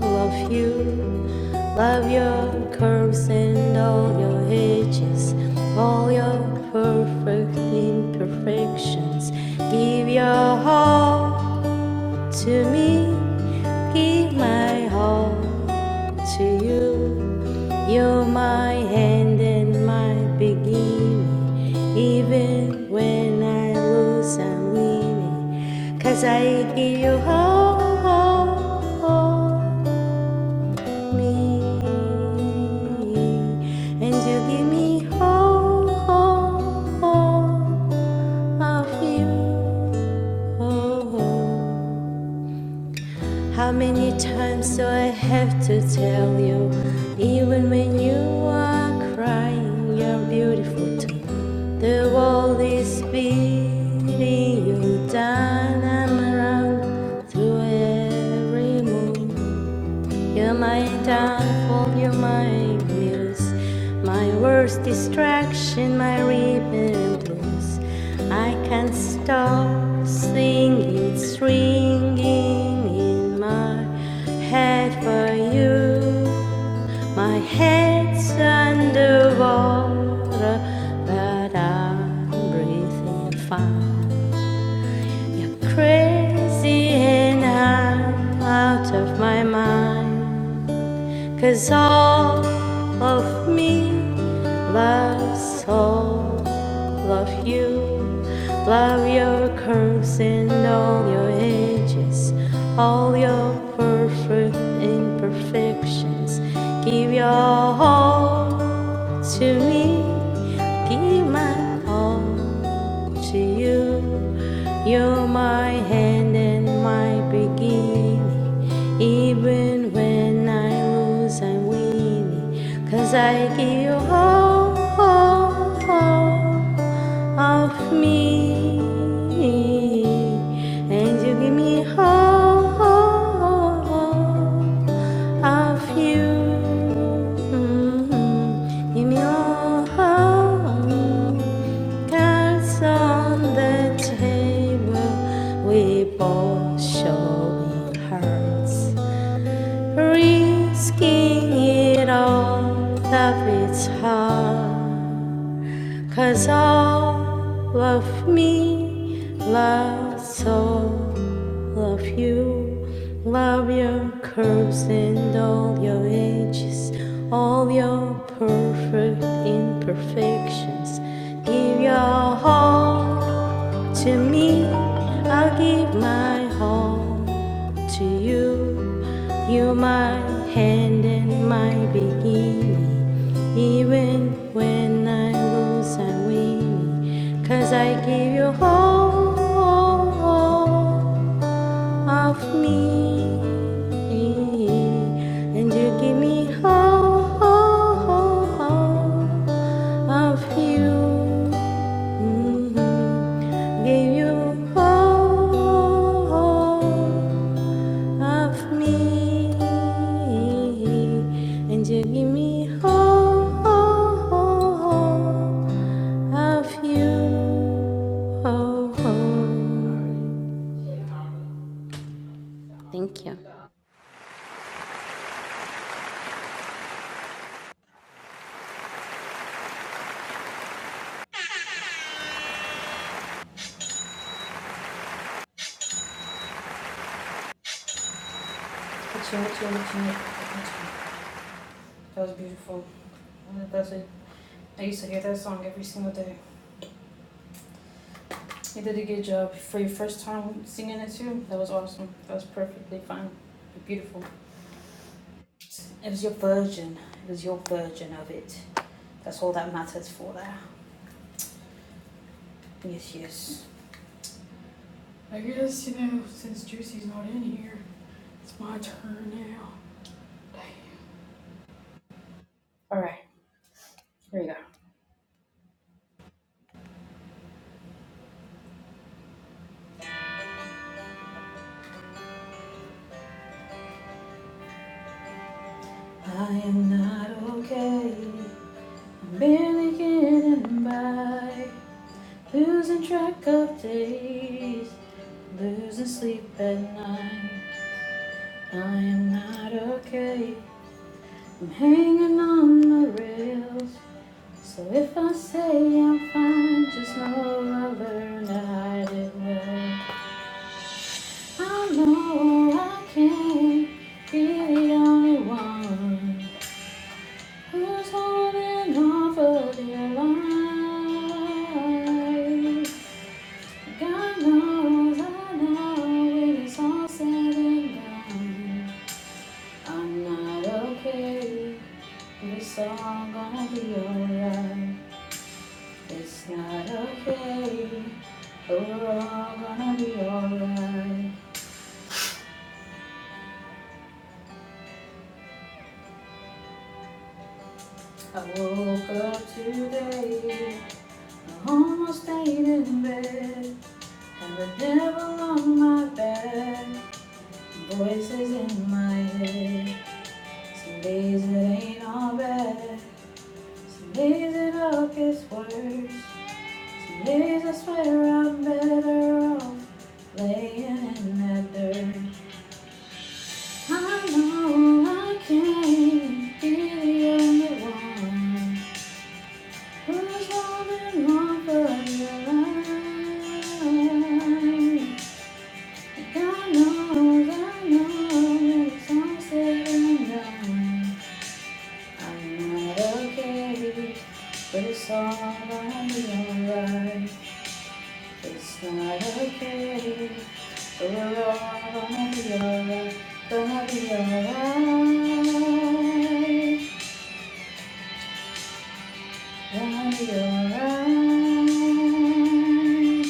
of you. Love your curves and all your edges, all your perfect imperfections. Give your all to me, give my heart to you. You're my end and my beginning, even when I lose, I'm winning, 'Cause I give you all, all, all of me, and you give me all, all, all of you. How many times do I have to tell you? Even when you are crying, you're beautiful too. The world is beating you down and around through every move. You're my downfall, you're my muse, my worst distraction, my ribbon blues. I can't stop singing, it's ringing in my head for you. My head's underwater, but I'm breathing fine. You're crazy and I'm out of my mind. Cause all of me loves all of you. Love your curves and all your edges, all your perfect imperfections. Give your all to me give my all to you. You're my hand and my beginning. Even when I lose, I'm winning, 'cause I give all, all, all of me and you give me all of you. Mhm. Give me all cards on the table. We both showing hearts, risking it all. Love it's hard. Cause all of me loves all of you. Love your curves and all your edges, all your perfect imperfections. Give your all to me. I'll give my all to you. You're my hand and my beginning. Even when I lose, I win, 'cause I give you all of me and you give me all, all, all all of you Mhm. give you all, all of me and you give me all, all, all all of you Oh, oh. Thank you. That was beautiful, that's it. I used to hear that song every single day. You did a good job for your first time singing it too, that was awesome, that was perfectly fine, beautiful. It was your version, it was your version of it, that's all that matters for that, yes. I guess, you know, since Juicy's not in here, it's my turn now. All right, here we go. I am not okay. I'm barely getting by. Losing track of days, losing sleep at night. I am not okay. I'm hanging on the rails. So if I say I'm fine, just know I learned I did well. I know I can't be the only one who's holding on for dear life. God knows, I know when it's all said and done, I'm not okay. But It's all gonna be alright. It's not okay. but We're all gonna be alright. I woke up today I Almost stayed in bed, had the devil on my back, voices in my head. Some days it ain't all bad, some days it all gets worse. Some days I swear I'm better off laying in that dirt. I know I can't be the only one who's holding on for your life. I know, I know, it's all said and done. I'm not okay, but it's all gonna be alright. It's not okay, but we're all gonna be alright. Gonna be alright, gonna be alright.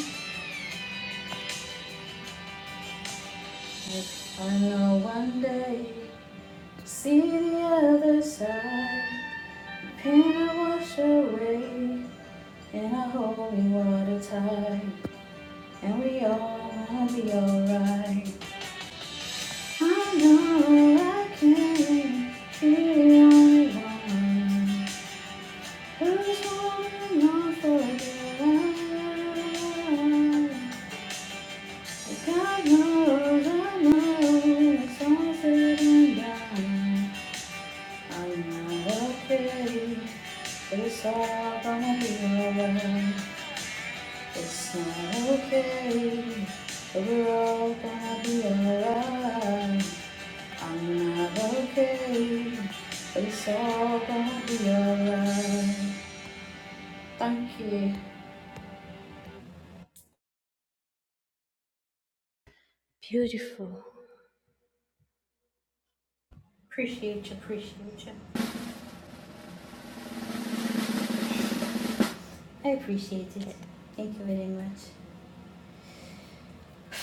I know one day, see the other side, pain will wash away. in a holy water tight, and we all gonna be alright. I know I can not be the only one who's holding on for dear life. 'Cause God knows, I know it's all said and done. I'm not okay, but it's all gonna be alright. It's not okay. We're all gonna be alright. I'm not okay. But it's all gonna be alright. Thank you. Beautiful. Appreciate you, appreciate you. I appreciate it. Okay. Thank you very much.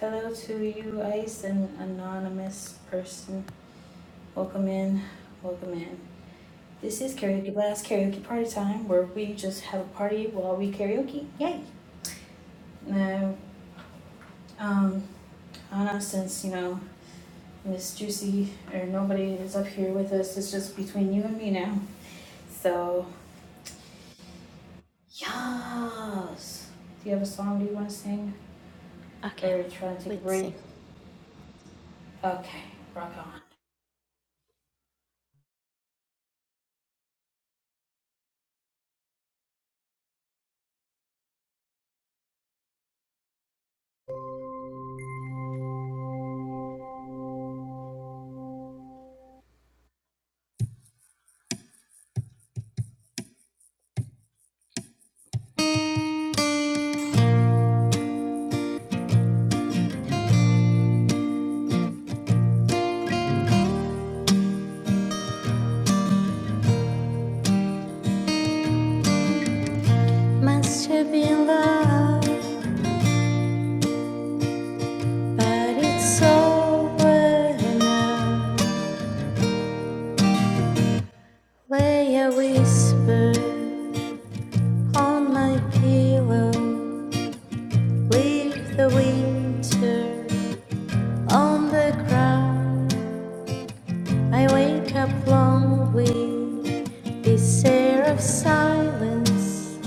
Hello to you, Ice, an anonymous person. Welcome in. Welcome in. This is Karaoke Blast Karaoke Party Time, where we just have a party while we karaoke. Yay! No, um, Anna, since you know Miss Juicy or nobody is up here with us, it's just between you and me now. So yes. Do you have a song? Do you want to sing Okay. or try to take a Let's break? sing. Okay, rock on. Must have been love, but it's over now. Lay a whisper on my pillow. Leave the winter on the ground. I wake up long with this air of silence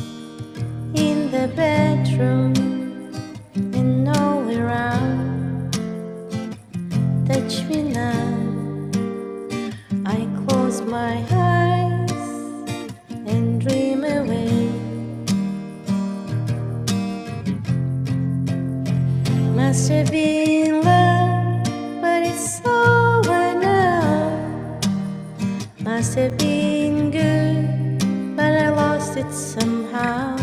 in the bedroom and all around. Touch me now. I close my eyes and dream away. Must have been love, but it's over now. Must have been good, but I lost it somehow.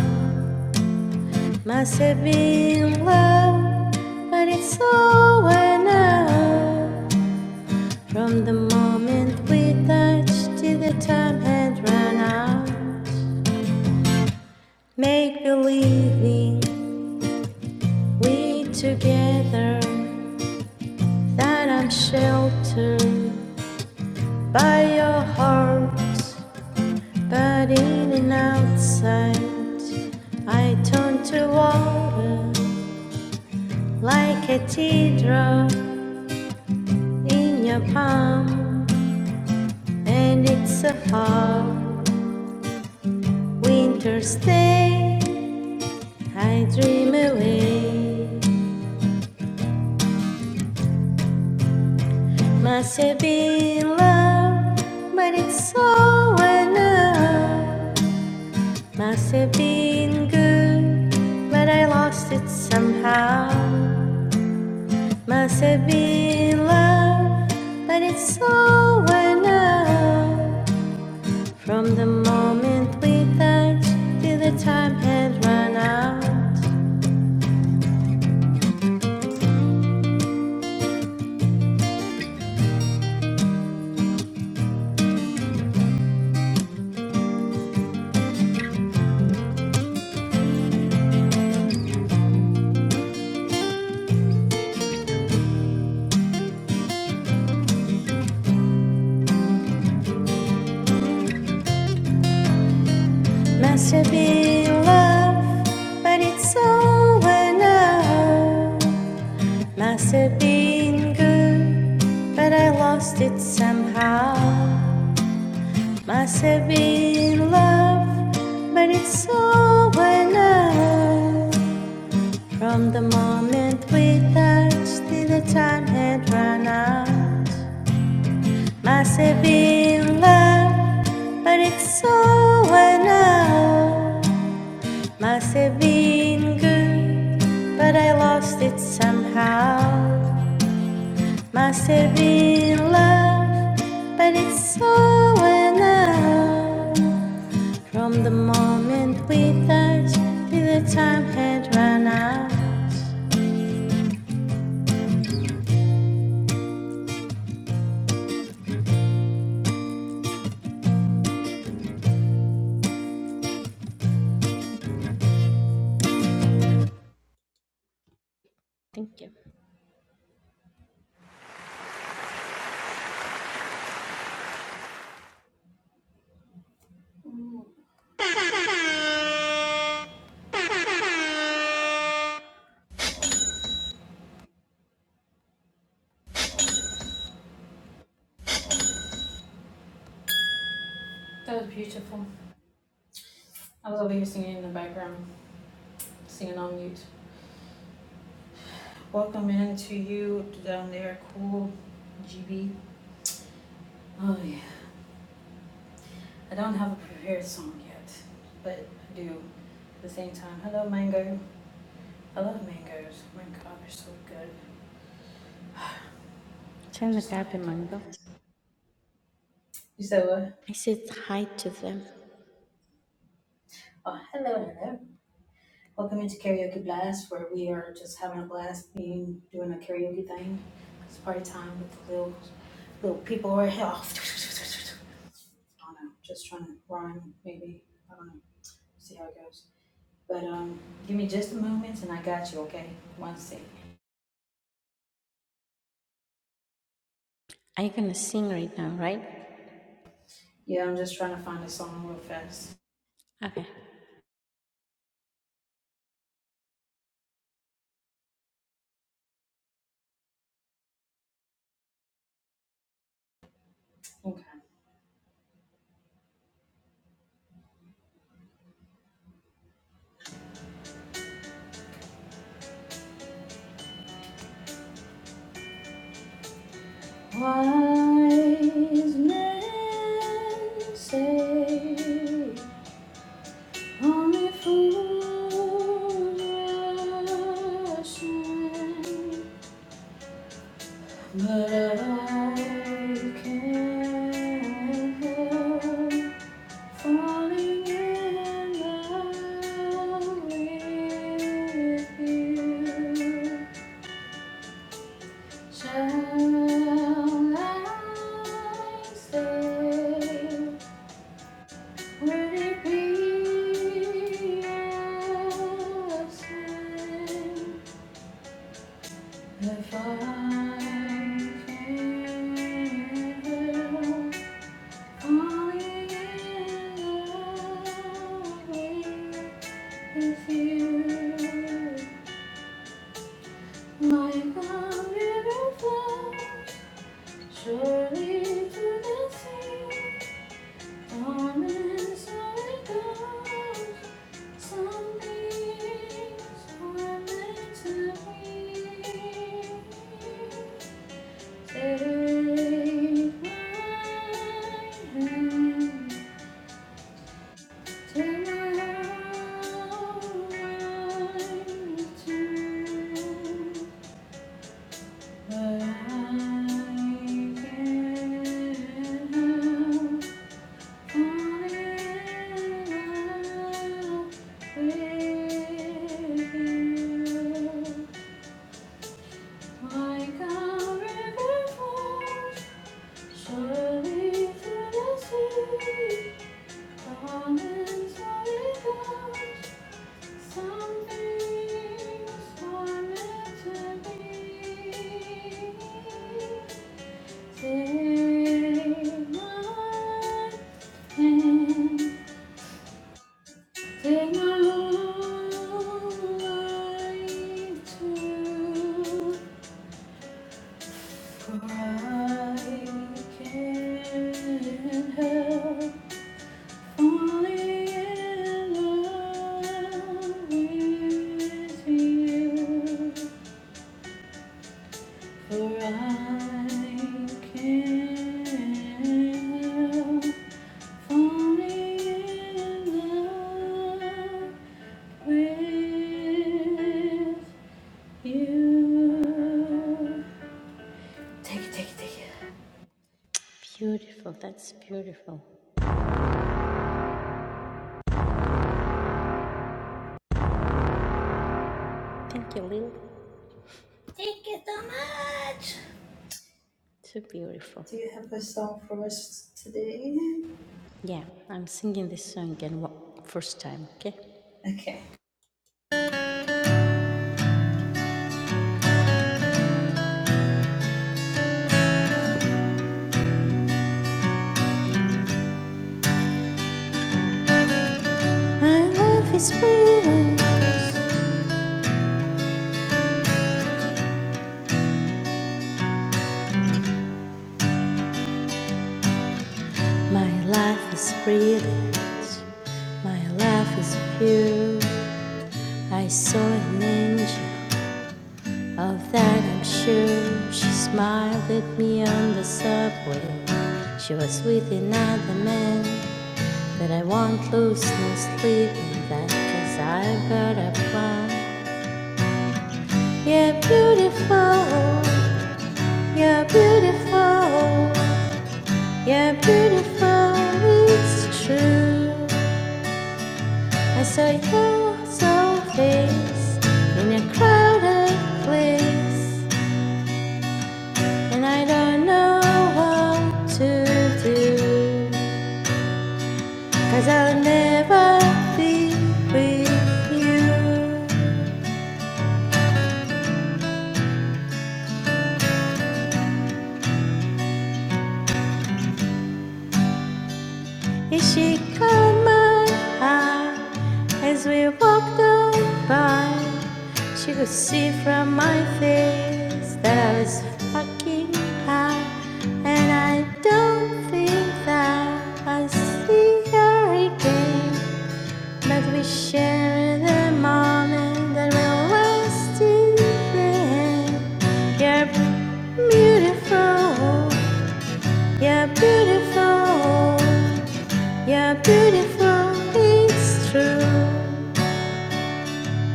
Must have been love, but it's over now. From the moment we touched till the time had run out. Make believing We together that I'm sheltered by your heart, but in and outside I turn to water like a teardrop in your palm, and it's a hard winter's day. I dream away, must have been love, but it's all enough. Must have been good, but I lost it somehow. Must have been love, but it's over now. From the moment we touched till the time had run out. Must have been love, but it's over now. Must have been good, but I lost it somehow. Must have been love, but it's over now. From the moment we touched till the time had run out. Must have been love, but it's over now. Must have been good, but I lost it somehow. Must have been love, but it's over now. From the moment we touched till the time had run out. Thank you. That was beautiful. I was over here singing in the background, singing on mute. Welcome in to you down there, cool GB. Oh yeah. I don't have a prepared song yet, but I do. At the same time, hello Mango. I love mangoes. Oh my god, they're so good. I Send the just love copy, it. Mango. You said what? I said hi to them. Oh, hello, hello. Welcome into Karaoke Blast, where we are just having a blast, being doing a karaoke thing. It's party time with the little little people right here. I don't know, just trying to rhyme, maybe. I don't know. See how it goes. But um, give me just a moment, and I got you. Okay, one sec. Are you gonna sing right now, right? Yeah, I'm just trying to find a song real fast. Okay. Okay. Wise men say only fools rush in, but I can't help it if I can help falling in love with you. Like a river flows surely to the sea, on and so Some things are meant to be. Take my hand, take my heart, But I can't help so if I see something meant to be, take my hand, take my whole life too, for I can't help. Only in love with you, for I can't help falling in love with you. Take it, take it, take it. Beautiful. That's beautiful. Thank you, Lil. Take it so much. So beautiful. Do you have a song for us today? Yeah, I'm singing this song again first time, okay? Okay. My love is real. My life is real. My life is pure. I saw an angel Of that I'm sure. She smiled at me on the subway. She was with another man. but I won't lose no sleep. And that i I've got a plan. You're beautiful. You're beautiful. You're beautiful. It's true. I saw your soul face in a crowded place. And I don't know what to do, i I'll never be with you. Is she caught my eye as we walked on by? She could see from my face that I was fucking high. And I don't think that I see her again. But we share the moment that we're always be different. You're beautiful. You're beautiful. You're beautiful. It's true.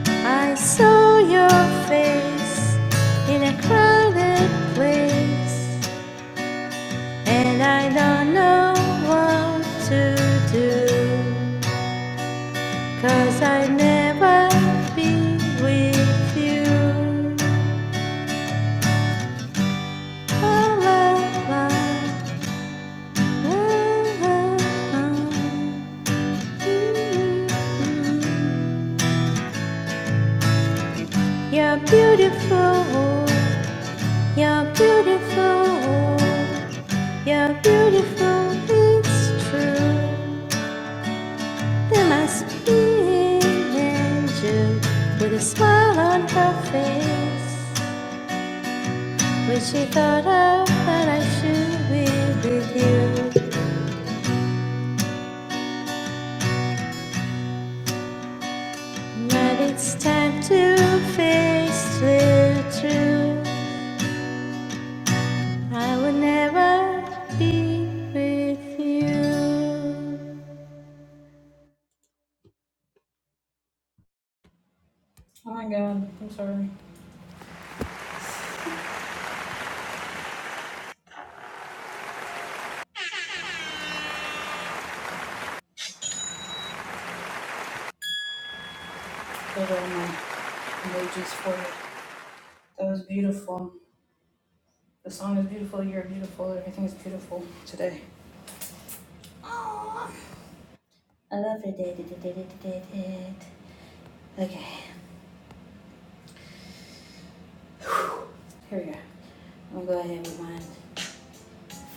I saw your face in a crowded place, and I don't know what to do. Cause I never be with you. La, la, la, la, la, la. You're beautiful, you're beautiful, you're beautiful, it's true. There must be an angel with a smile on her face. Wish you thought of that I should be with you. But it's time to face the truth. I will never be with you. Oh my god, I'm sorry. put all my emojis for it. That was beautiful. The song is beautiful. You're beautiful. Everything is beautiful today. Yeah. I'm glad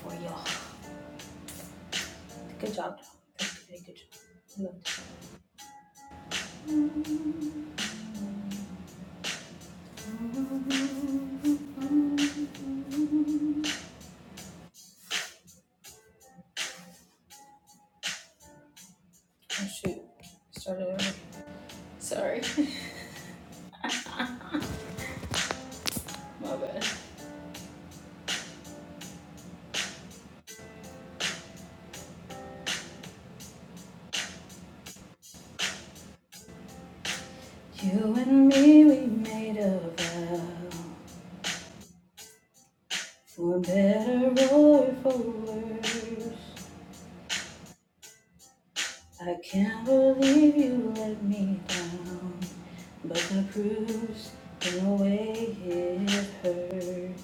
for y'all. Good job. Very good job. I loved it. Oh shoot. Started over. Sorry. My bad. You and me, we made a vow. For better or for worse. I can't believe you let me down. But the bruise in a way it hurts.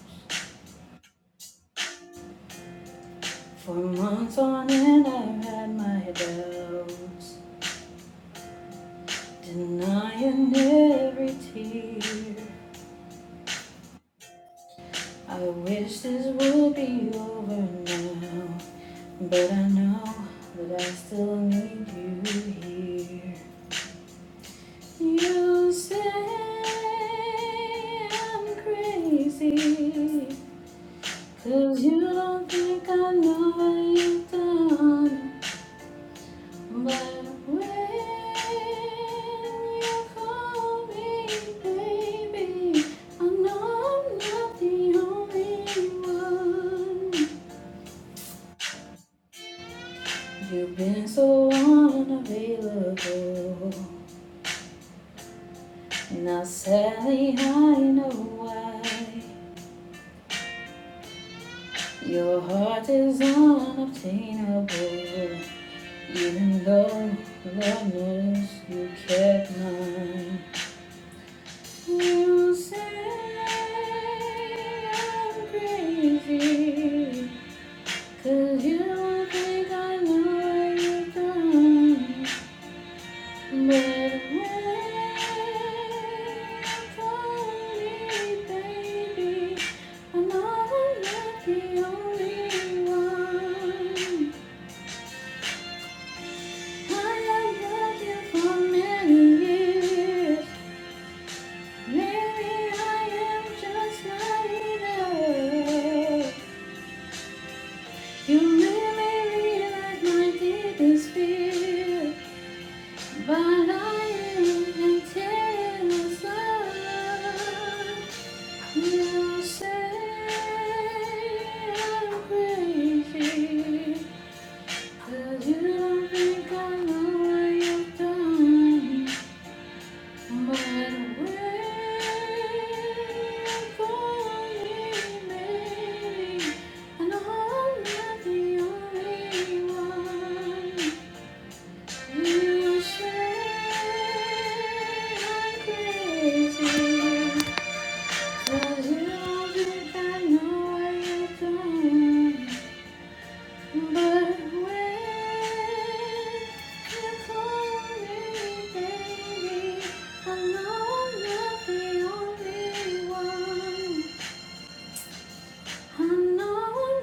For months on end, I've had my doubts, denying every tear. I wish this would be over now, but I know that I still need you here. You say I'm crazy, 'cause you don't think I know what you've done. But when you call me baby, I know I'm not the only one. You've been so unavailable. Now sadly I know why. Your heart is unobtainable. Even though Lord knows you kept mine. You say I'm crazy, 'cause you think I know what you've done. But wait on me, baby. I am not the only one. I have loved you for many years. Maybe I am just naive. You may realize my deepest fear, but I am intense. You say I'm crazy, but you don't think I know what you've done. Call me baby, I know nothing. I'm no,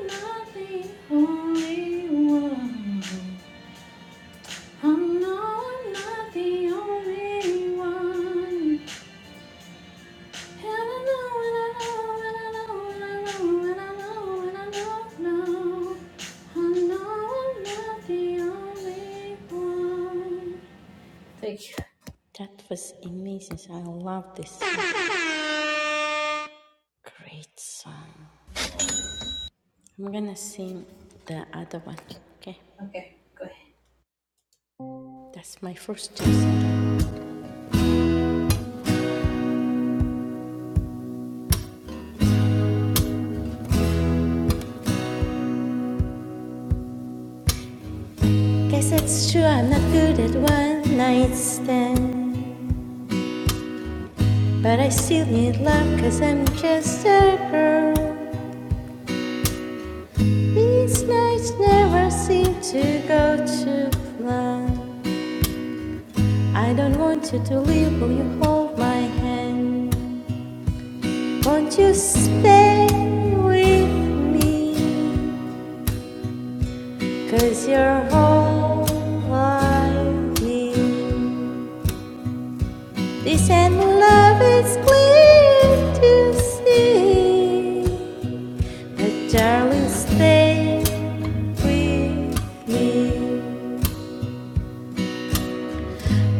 not the only one. I'm no, not the only one. I know, and I know, and I know, and I know. I'm no, not the only one. That was amazing. I love this song. Great song. I'm gonna sing the other one. Okay, that's my first choice. Guess it's true I'm not good at one night stands. But I still need love cause I'm just a girl. These nights never seem to go to plan. I don't want you to leave, will you hold my hand? Won't you stay with me? Cause you're all I need. This endless love is clear to see. But darling, stay with me.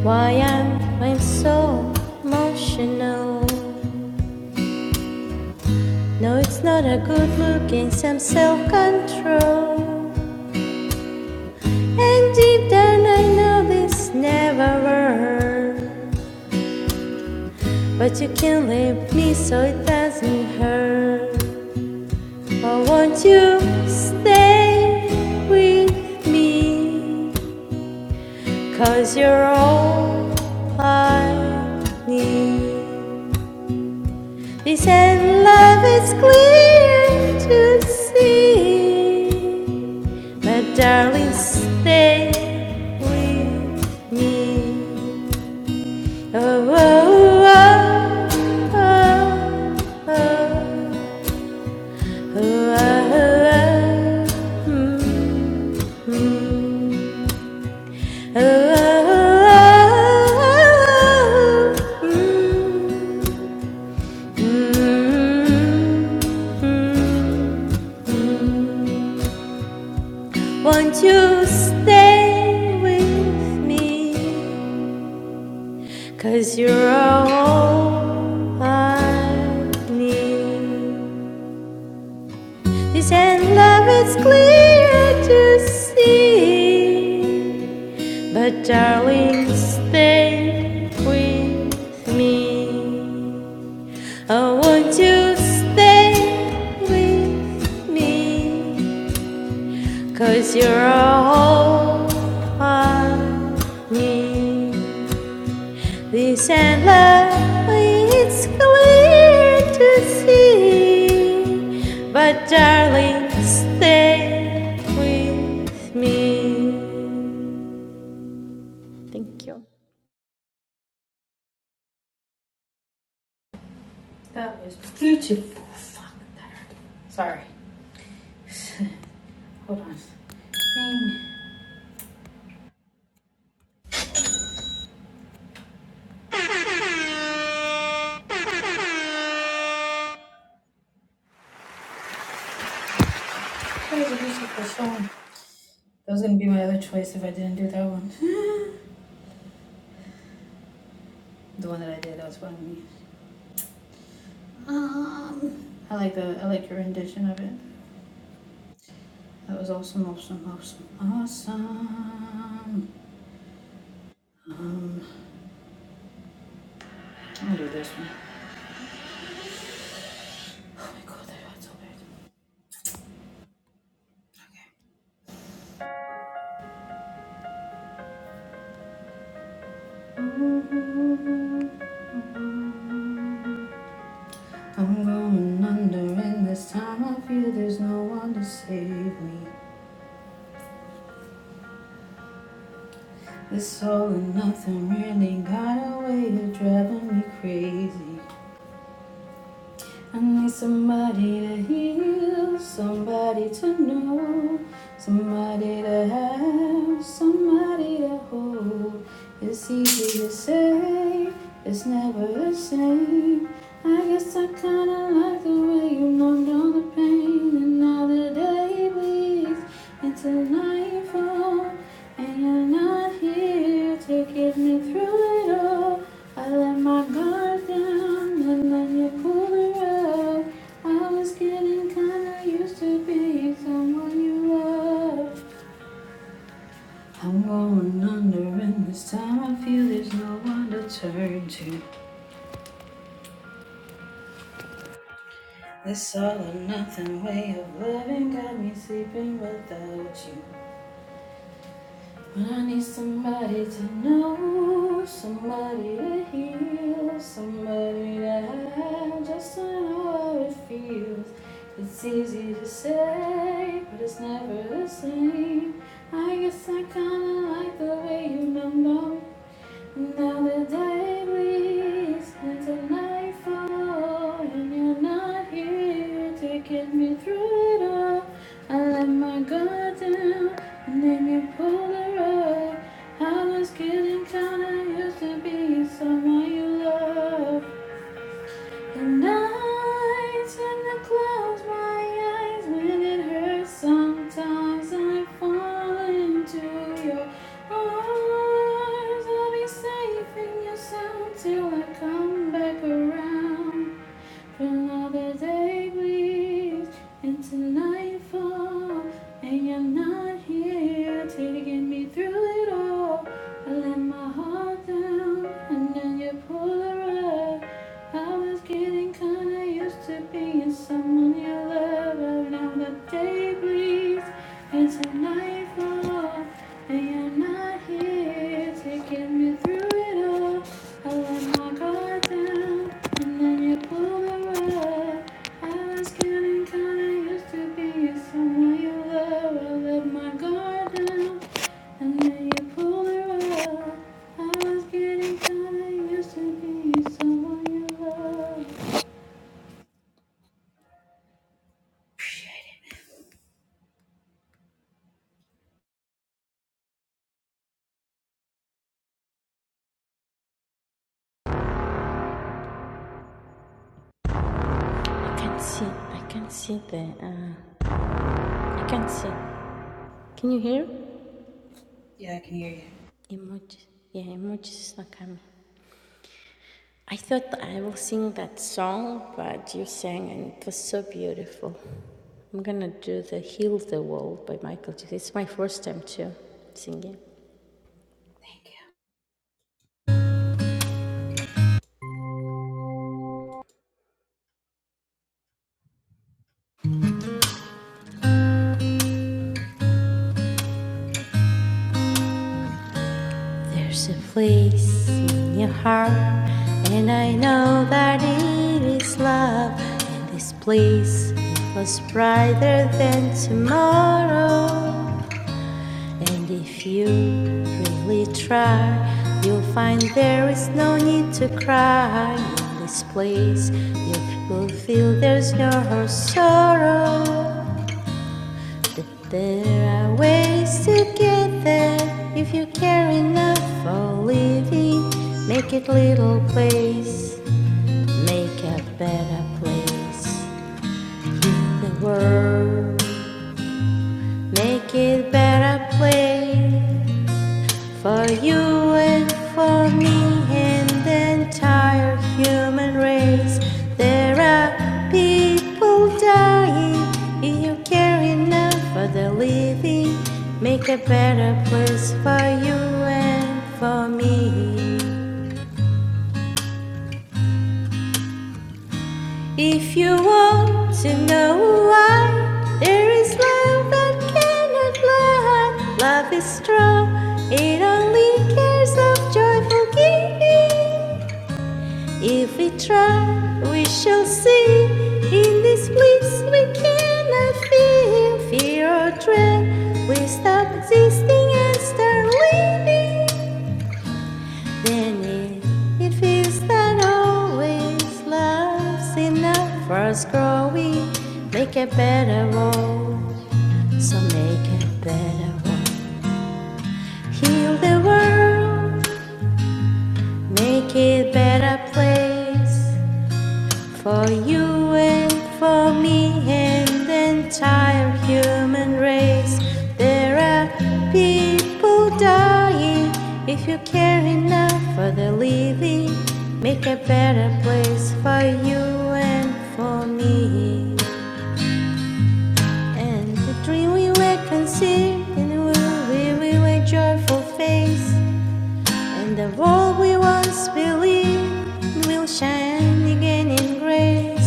Why am I so emotional? No, it's not a good look, it's some self-control. And deep down I know this never worked. But you can leave me so it doesn't hurt. Oh, won't you stay with me? Cause you're all I need. They said love is clear to see. But darling, stay with me. Oh, oh, oh, oh, oh, oh, oh, oh, oh, mm, mm. Mm-hmm. Won't you stay with me? you you're all I need. This and love is clear to see. But darling, stay with me. Oh, won't you stay with me, you you're all I need. This endless, it's clear to see. But darling, stay with me. Thank you. That was beautiful. Fuck that. Sorry. Hold on. Dang. That was a beautiful song. That was gonna be my other choice if I didn't do that one. the one that I did, that was fun. Um, I like the I like your rendition of it. That was awesome, awesome, awesome, awesome. Um, I'll do this one. Oh my god, that hurts so bad. I'm going under, and this time I feel there's no one to save me. This all or nothing really got a way of driving me crazy. I need somebody to heal, somebody to know, somebody to have, somebody to hold. It's easy to say, it's never the same. I guess I kinda like the way you numbed all the pain. Another day bleeds into nightfall, and you're not here to get me through it all. I let my guard down, and then you pulled it up. I was getting kinda used to being someone you love. I'm going under, and this time I feel there's no one to turn to. This all or nothing way of living got me sleeping without you. When I need somebody to know, somebody to heal, somebody to have, just to know how it feels. It's easy to say, but it's never the same. I guess I kinda like the way you numb now the day breaks into nightfall, and you're not here to get me through it all. I let my guard down, and then you pulled the rug. I was getting kinda used to be someone you love. And I tend to close my eyes when it hurts. Sometimes I fall into your arms. I'll be safe in your sound till I come back around for Another day bleeds into nightfall, and you're not here to get me through it all. I let my heart down, and then you pull her up. I was getting kinda used to being someone you love, but now the day bleeds into nightfall, and you're not here to get me through it all. I can't see. I can't see the. Uh, I can't see. Can you hear? Yeah, I can hear you. Emojis. Yeah, emojis is not coming. I thought I will sing that song, but you sang and it was so beautiful. I'm gonna do the Heal the World by Michael Jackson. It's my first time too, singing. There's a place in your heart, and I know that it is love. And this place was brighter than tomorrow. And if you really try, you'll find there is no need to cry. In this place, you will feel there's no sorrow. That there are ways to get there if you care enough for living. Make it little place, make a better place. The world, make it better place. For you and for me and the entire human race, there are people dying. If you care enough for the living, make a better place for you and for me. If you want to know why, there is love that cannot lie. Love is strong, it only cares of joyful giving. If we try, we shall see. In this place, we cannot feel fear or dread. We stop existing and start living. Then it, it feels that always love's enough for us growing. Make a better world, so make a better world. Heal the world, make it a better place. For you and for me and the entire human race, there are people dying. If you care enough for the living, make a better place for you and for me. And the dream we will conceive and will we will a joyful face. And the world we once believed will shine again in grace.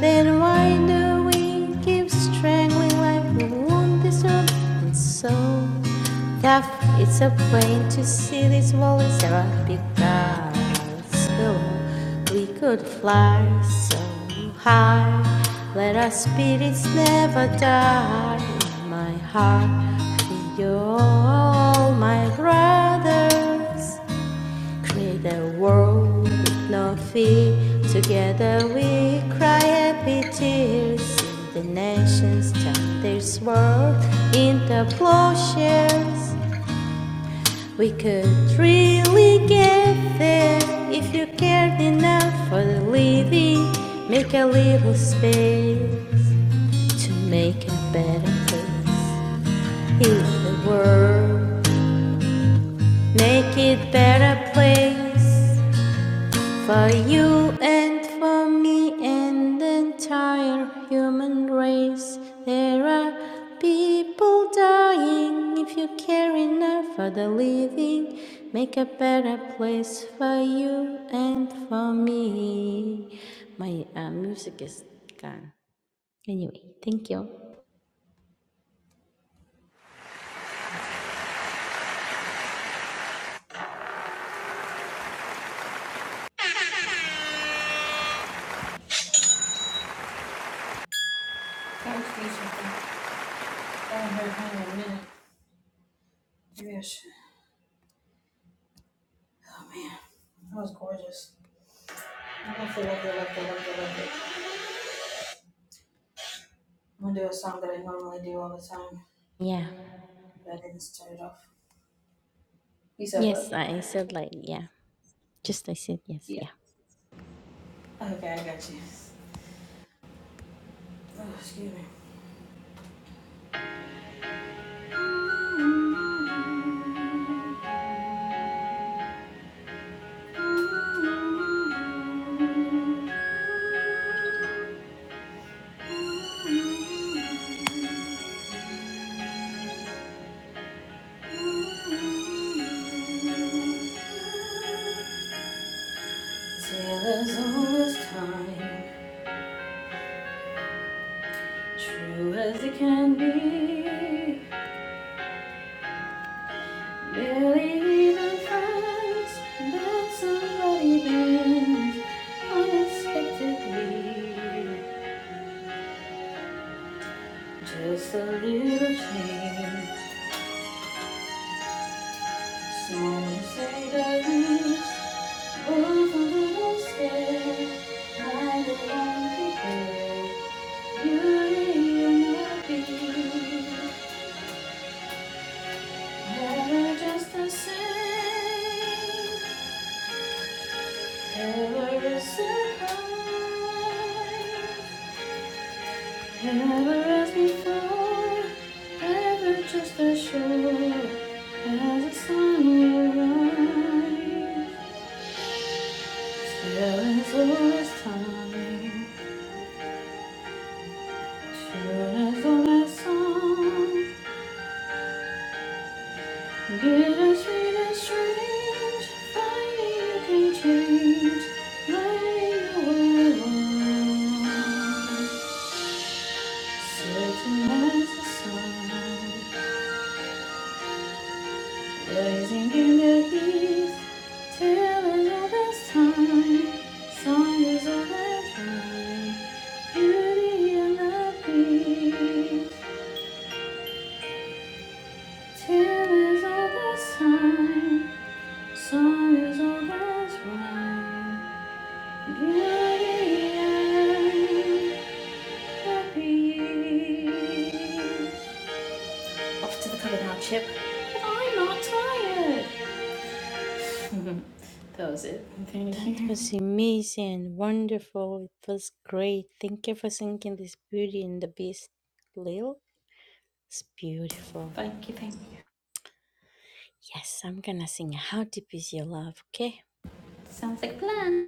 Then why do we keep strangling like we won't deserve? And so tough, it's a pain to see this world is ever because though we could fly so high, let our spirits never die. In my heart, you're all my brothers. Create a world with no fear. Together we cry happy tears. The nations turn their sword into plowshares. We could really get there if you cared enough for the living. Make a little space to make a better place. Heal the world, make it better place. For you and for me and the entire human race, there are people dying. If you care enough for the living, make a better place for you and for me. My uh, music is gone. Anyway, thank you. I was doing I haven't heard from you in a minute. Maybe I should. Oh man, that was gorgeous. I loved it, loved it, love, it, love, it, love it. I'm gonna do a song that I normally do all the time. Yeah. But I didn't start it off. Yes, I said like, yeah. Just I said yes, yeah. Okay, I got you. Tale as old as time, true as it can be. Barely even friends, but somebody bends unexpectedly. Just a little change, some say the least. Both a little scared, neither one prepared. Beauty and the beast. Never just the same, never a surprise, never as before, never just as sure as the sun will rise. Still as old as time, sure as old as song, bitter sweet and strange, finally you can change the way you were wrong. Certain as the sun, blazing in the east, till another time. Song is always right, beauty and the beast. Till is always time, song is always right, beauty and the beast. Off to the cover now, Chip. I'm not tired. That was it. Thank That you. was amazing and wonderful. It was great. Thank you for singing this Beauty and the Beast, Lil. It's beautiful. Thank you, thank you. Yes, I'm gonna sing How Deep Is Your Love, okay? Sounds like a plan.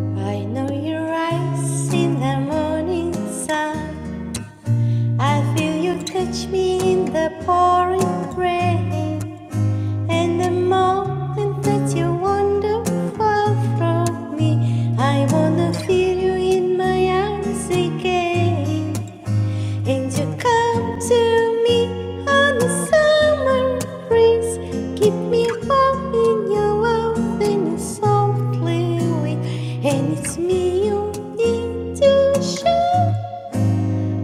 I know you rise in the morning sun. I feel you touch me in the pouring rain. And the moment that you wander far from me, I wanna feel you in my arms again. And you come to me on a summer breeze. Keep me warm in your love and your softly wind. And it's me you need to show.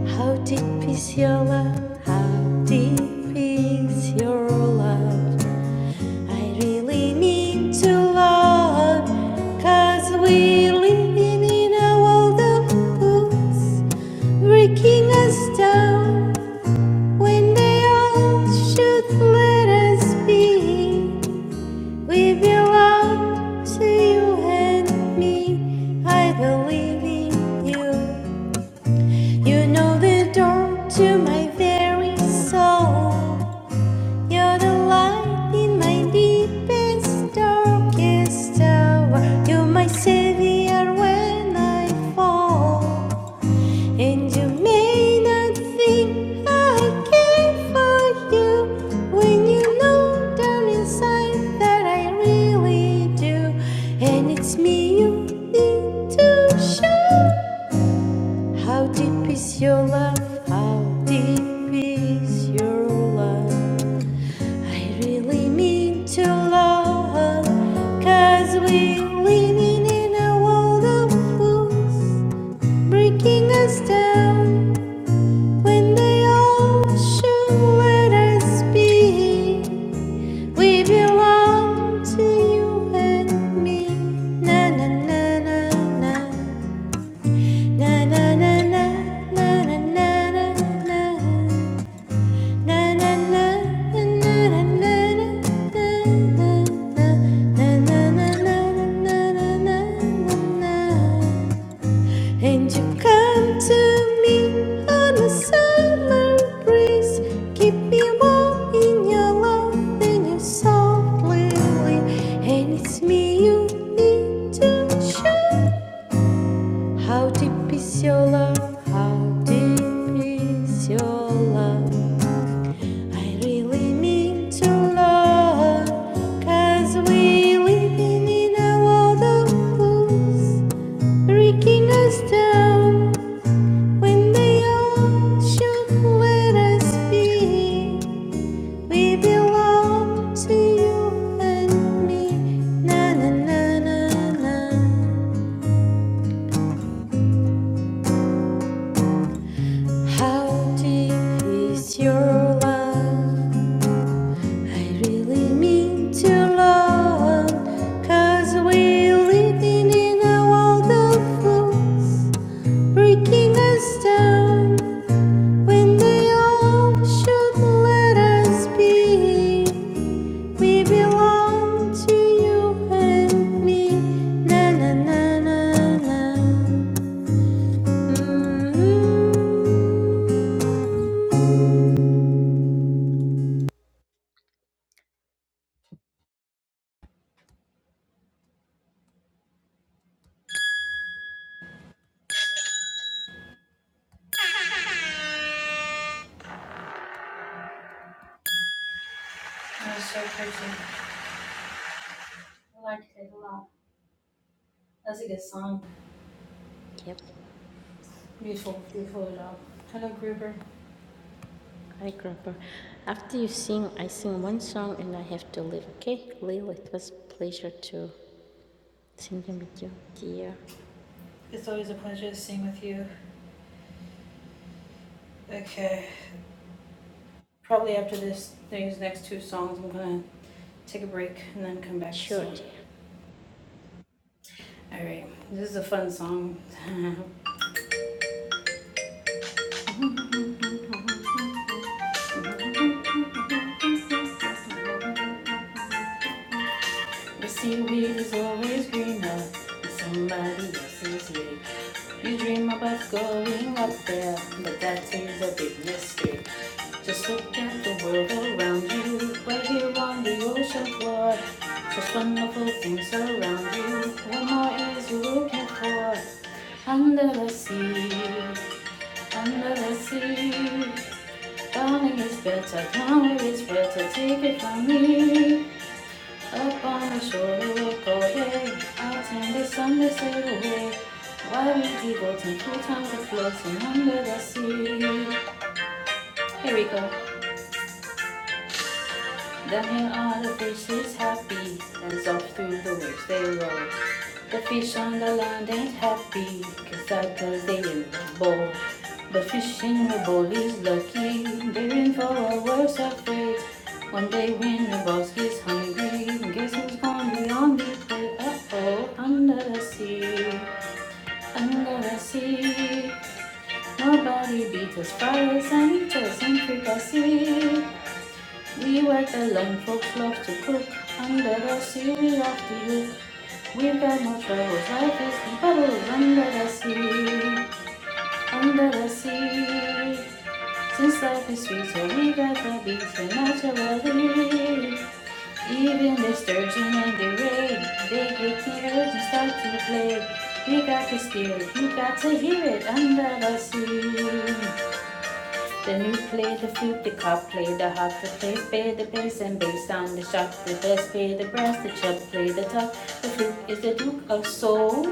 How deep is your love? How deep is your love? I really need to love. Cause we live in a world of fools breaking us down. When they all should let us be, we belong to you and me. I believe in you. You know the door to my very soul. You're the light in my deepest, darkest hour. You're my savior when I fall. And you may not think I care for you when you know down inside that I really do. And it's me you need to show. How deep is your love? How deep is your love? I really mean to love. Cause we're living in a world of fools, breaking us down. When the ocean waters beat, we belong to you and me. Na na na na na. Na na na na na na na na. Na na na na na na na na. Na na na na na na na na. And you come to me on a summer breeze. Keep me warm in your love and your soft lily. And it's me you need to show. How deep is your love? How deep is your love? I really mean to love. Cause we living in a world of fools, breaking us down. When the ocean let us be, we belong to you and me. Na na na na na. How deep is your love? I really mean to love, cause we living in a world of fools, breaking us down. When the ocean let us be, we belong to you and me. Na na na na na. Mhm. That was so pretty. I liked it a lot. That's a good song. Yep, Beautiful, beautiful job. Hello, Gruber. hi, grew After you sing, I sing one song and I have to leave, okay? Lily, it was a pleasure to singing with you, dear. It's always a pleasure to sing with you. Okay. Probably after this, these next two songs, I'm gonna take a break and then come back. Sure, So, dear. all right. This is a fun song. The seaweed is always greener in somebody else's league. You dream about going up there, but that is a big mistake. Just look at the world around you, right here on the ocean floor. Such wonderful things around you. What more is you looking for? Under the sea, under the sea. Darling, it's better, come, it's better, take it from me. Up on the shore of Kobe, out in the sun they sail away. While we devote and full times to floating under the sea. Here we go. The hang on the fish is happy, and soft through the waves they roll. The fish on the land ain't happy, cause suckers they in the bowl. The fish in the bowl is lucky, they're in for a worse of fate. One day when the boss is hungry, guess who's gonna be on the plate? Uh-oh, under the sea, under the sea. Nobody beats us, fries and eaters and fricassees. We work alone, folks love to cook. Under the sea, we love to you. We've got no troubles, life is in bubbles under the sea, under the sea. Since life is sweet, so we got the beats and naturally. Even the sturgeon and the ray, they get tears and start to play. We got to spirit, you got to hear it under the sea. The new play the flute, the cop play the harp, the play play the bass and bass sound, the shop, the bass play the brass, the chub play the top. The flute is the duke of soul.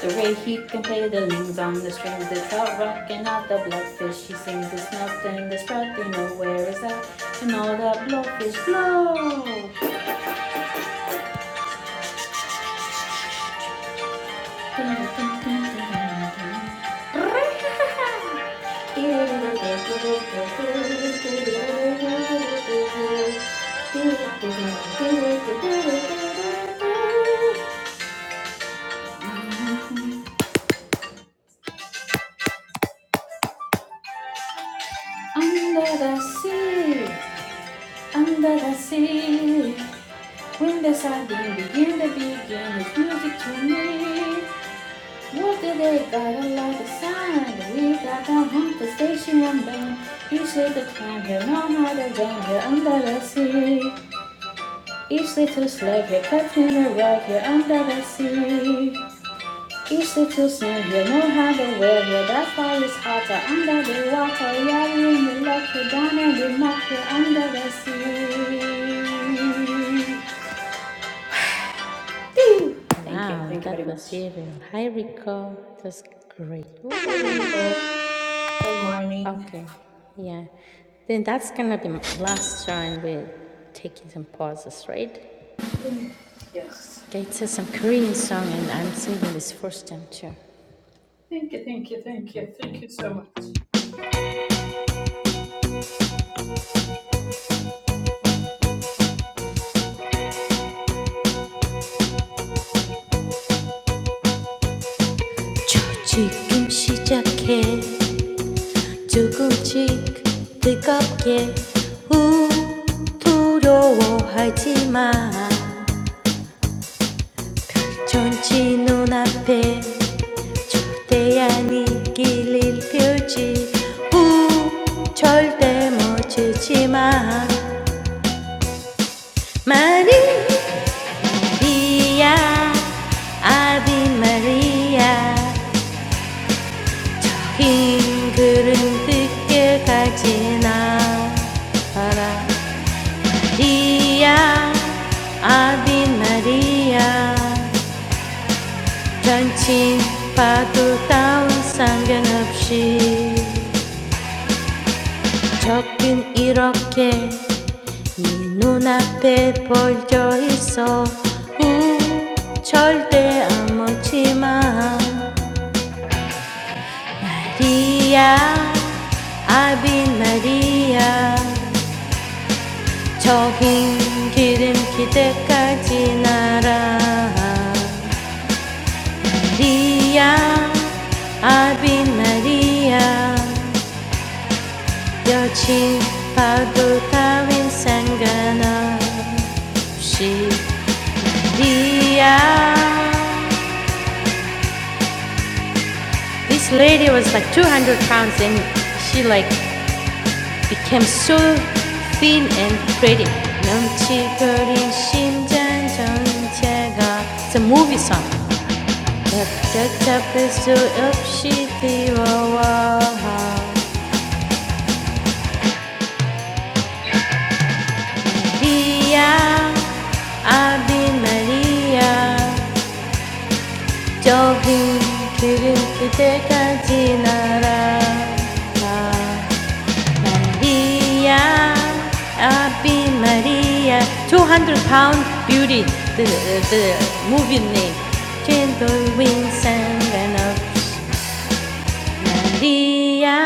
The ray he can play the lings on the strings, the trout rocking out the bloodfish. He sings the snout and the sprout, they know where is that, and all the blowfish blow. Under the sea, under the sea, when the sardine began to begin, it's music to me. What did they got a lot of sound? We got down home to station one band. Each little time, he know how to jam, here under the sea. Each little slave here cuts near right here under the sea. Each little snail here know how to wear here. That's why it's hotter under the water. Yeah, when you look you down and we mock you knock here under the sea. Thank you. Wow, Thank you very that was much. very real. Hi, Rico. It was great. Good morning. Okay, yeah. Then that's gonna be my last time with taking some pauses, right? Yes. Okay, It's a some Korean song and I'm singing this first time too. Thank you. Thank you. Thank you. Thank you so much. 저 시작해 조금씩 뜨겁게 우 두려워하지 마 전지 눈앞에 초대한 이길일 펼지 우 절대 멈추지 마 많이 Maria, Abi Maria, even when I'm not around, Maria, Abi Maria, don't think about our reunion. Love is like this in front of your eyes. Oh, never give up, Maria. I've been Maria 저긴 기름 기대까지 날아 리아 I've been Maria 여친 파도 따윈 상관없이 리아 This lady was like 200 pounds and she like became so thin and pretty. 넘치거린 심장 전체가 It's a movie song. 벽돌탑을 수 없이 뛰어와 마리아 아비 마리아 좁은 길은 그대가 지나라. Maria, Abi Maria, 200 pound beauty, the, the movie name. Gentle winds and ran of Maria,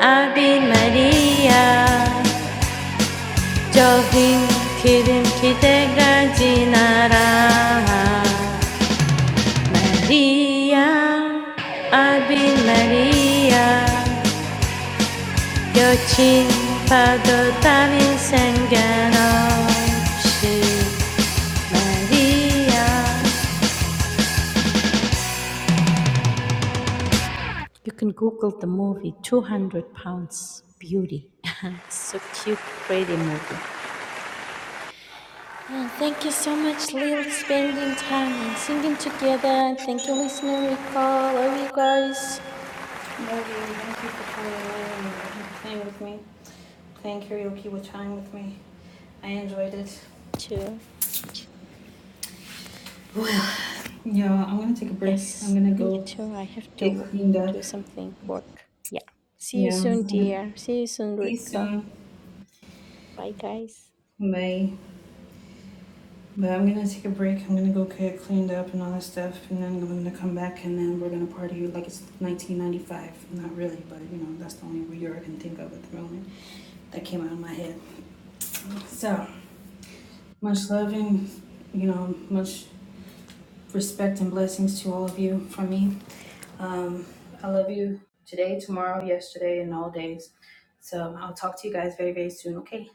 Abi Maria, 저긴 기름 기대까지 날아. Maria, Abi Maria, 여친 파도 상관없이 말이야 You can Google the movie 200 Pounds Beauty. so cute, pretty movie. And thank you so much, Lil, spending time and singing together. And thank you, listener Rico. Love you guys. Morgan, thank you for coming and playing with me. Thank karaoke with time with me. I enjoyed it. Me too. Well, yeah, I'm gonna take a break. I'm Yes, gonna me go too. I have get to cleaned up. do something, work. Yeah. See you Yeah, I'm soon, gonna dear. See you soon, see you Rico. soon. Bye, guys. Bye. But I'm gonna take a break. I'm gonna go get cleaned up and all that stuff, and then I'm gonna come back, and then we're gonna party like it's 1995. Not really, but you know that's the only word I can think of at the moment that came out of my head. So much love and you know much respect and blessings to all of you from me. Um, I love you today, tomorrow, yesterday, and all days. So I'll talk to you guys very, very soon. Okay.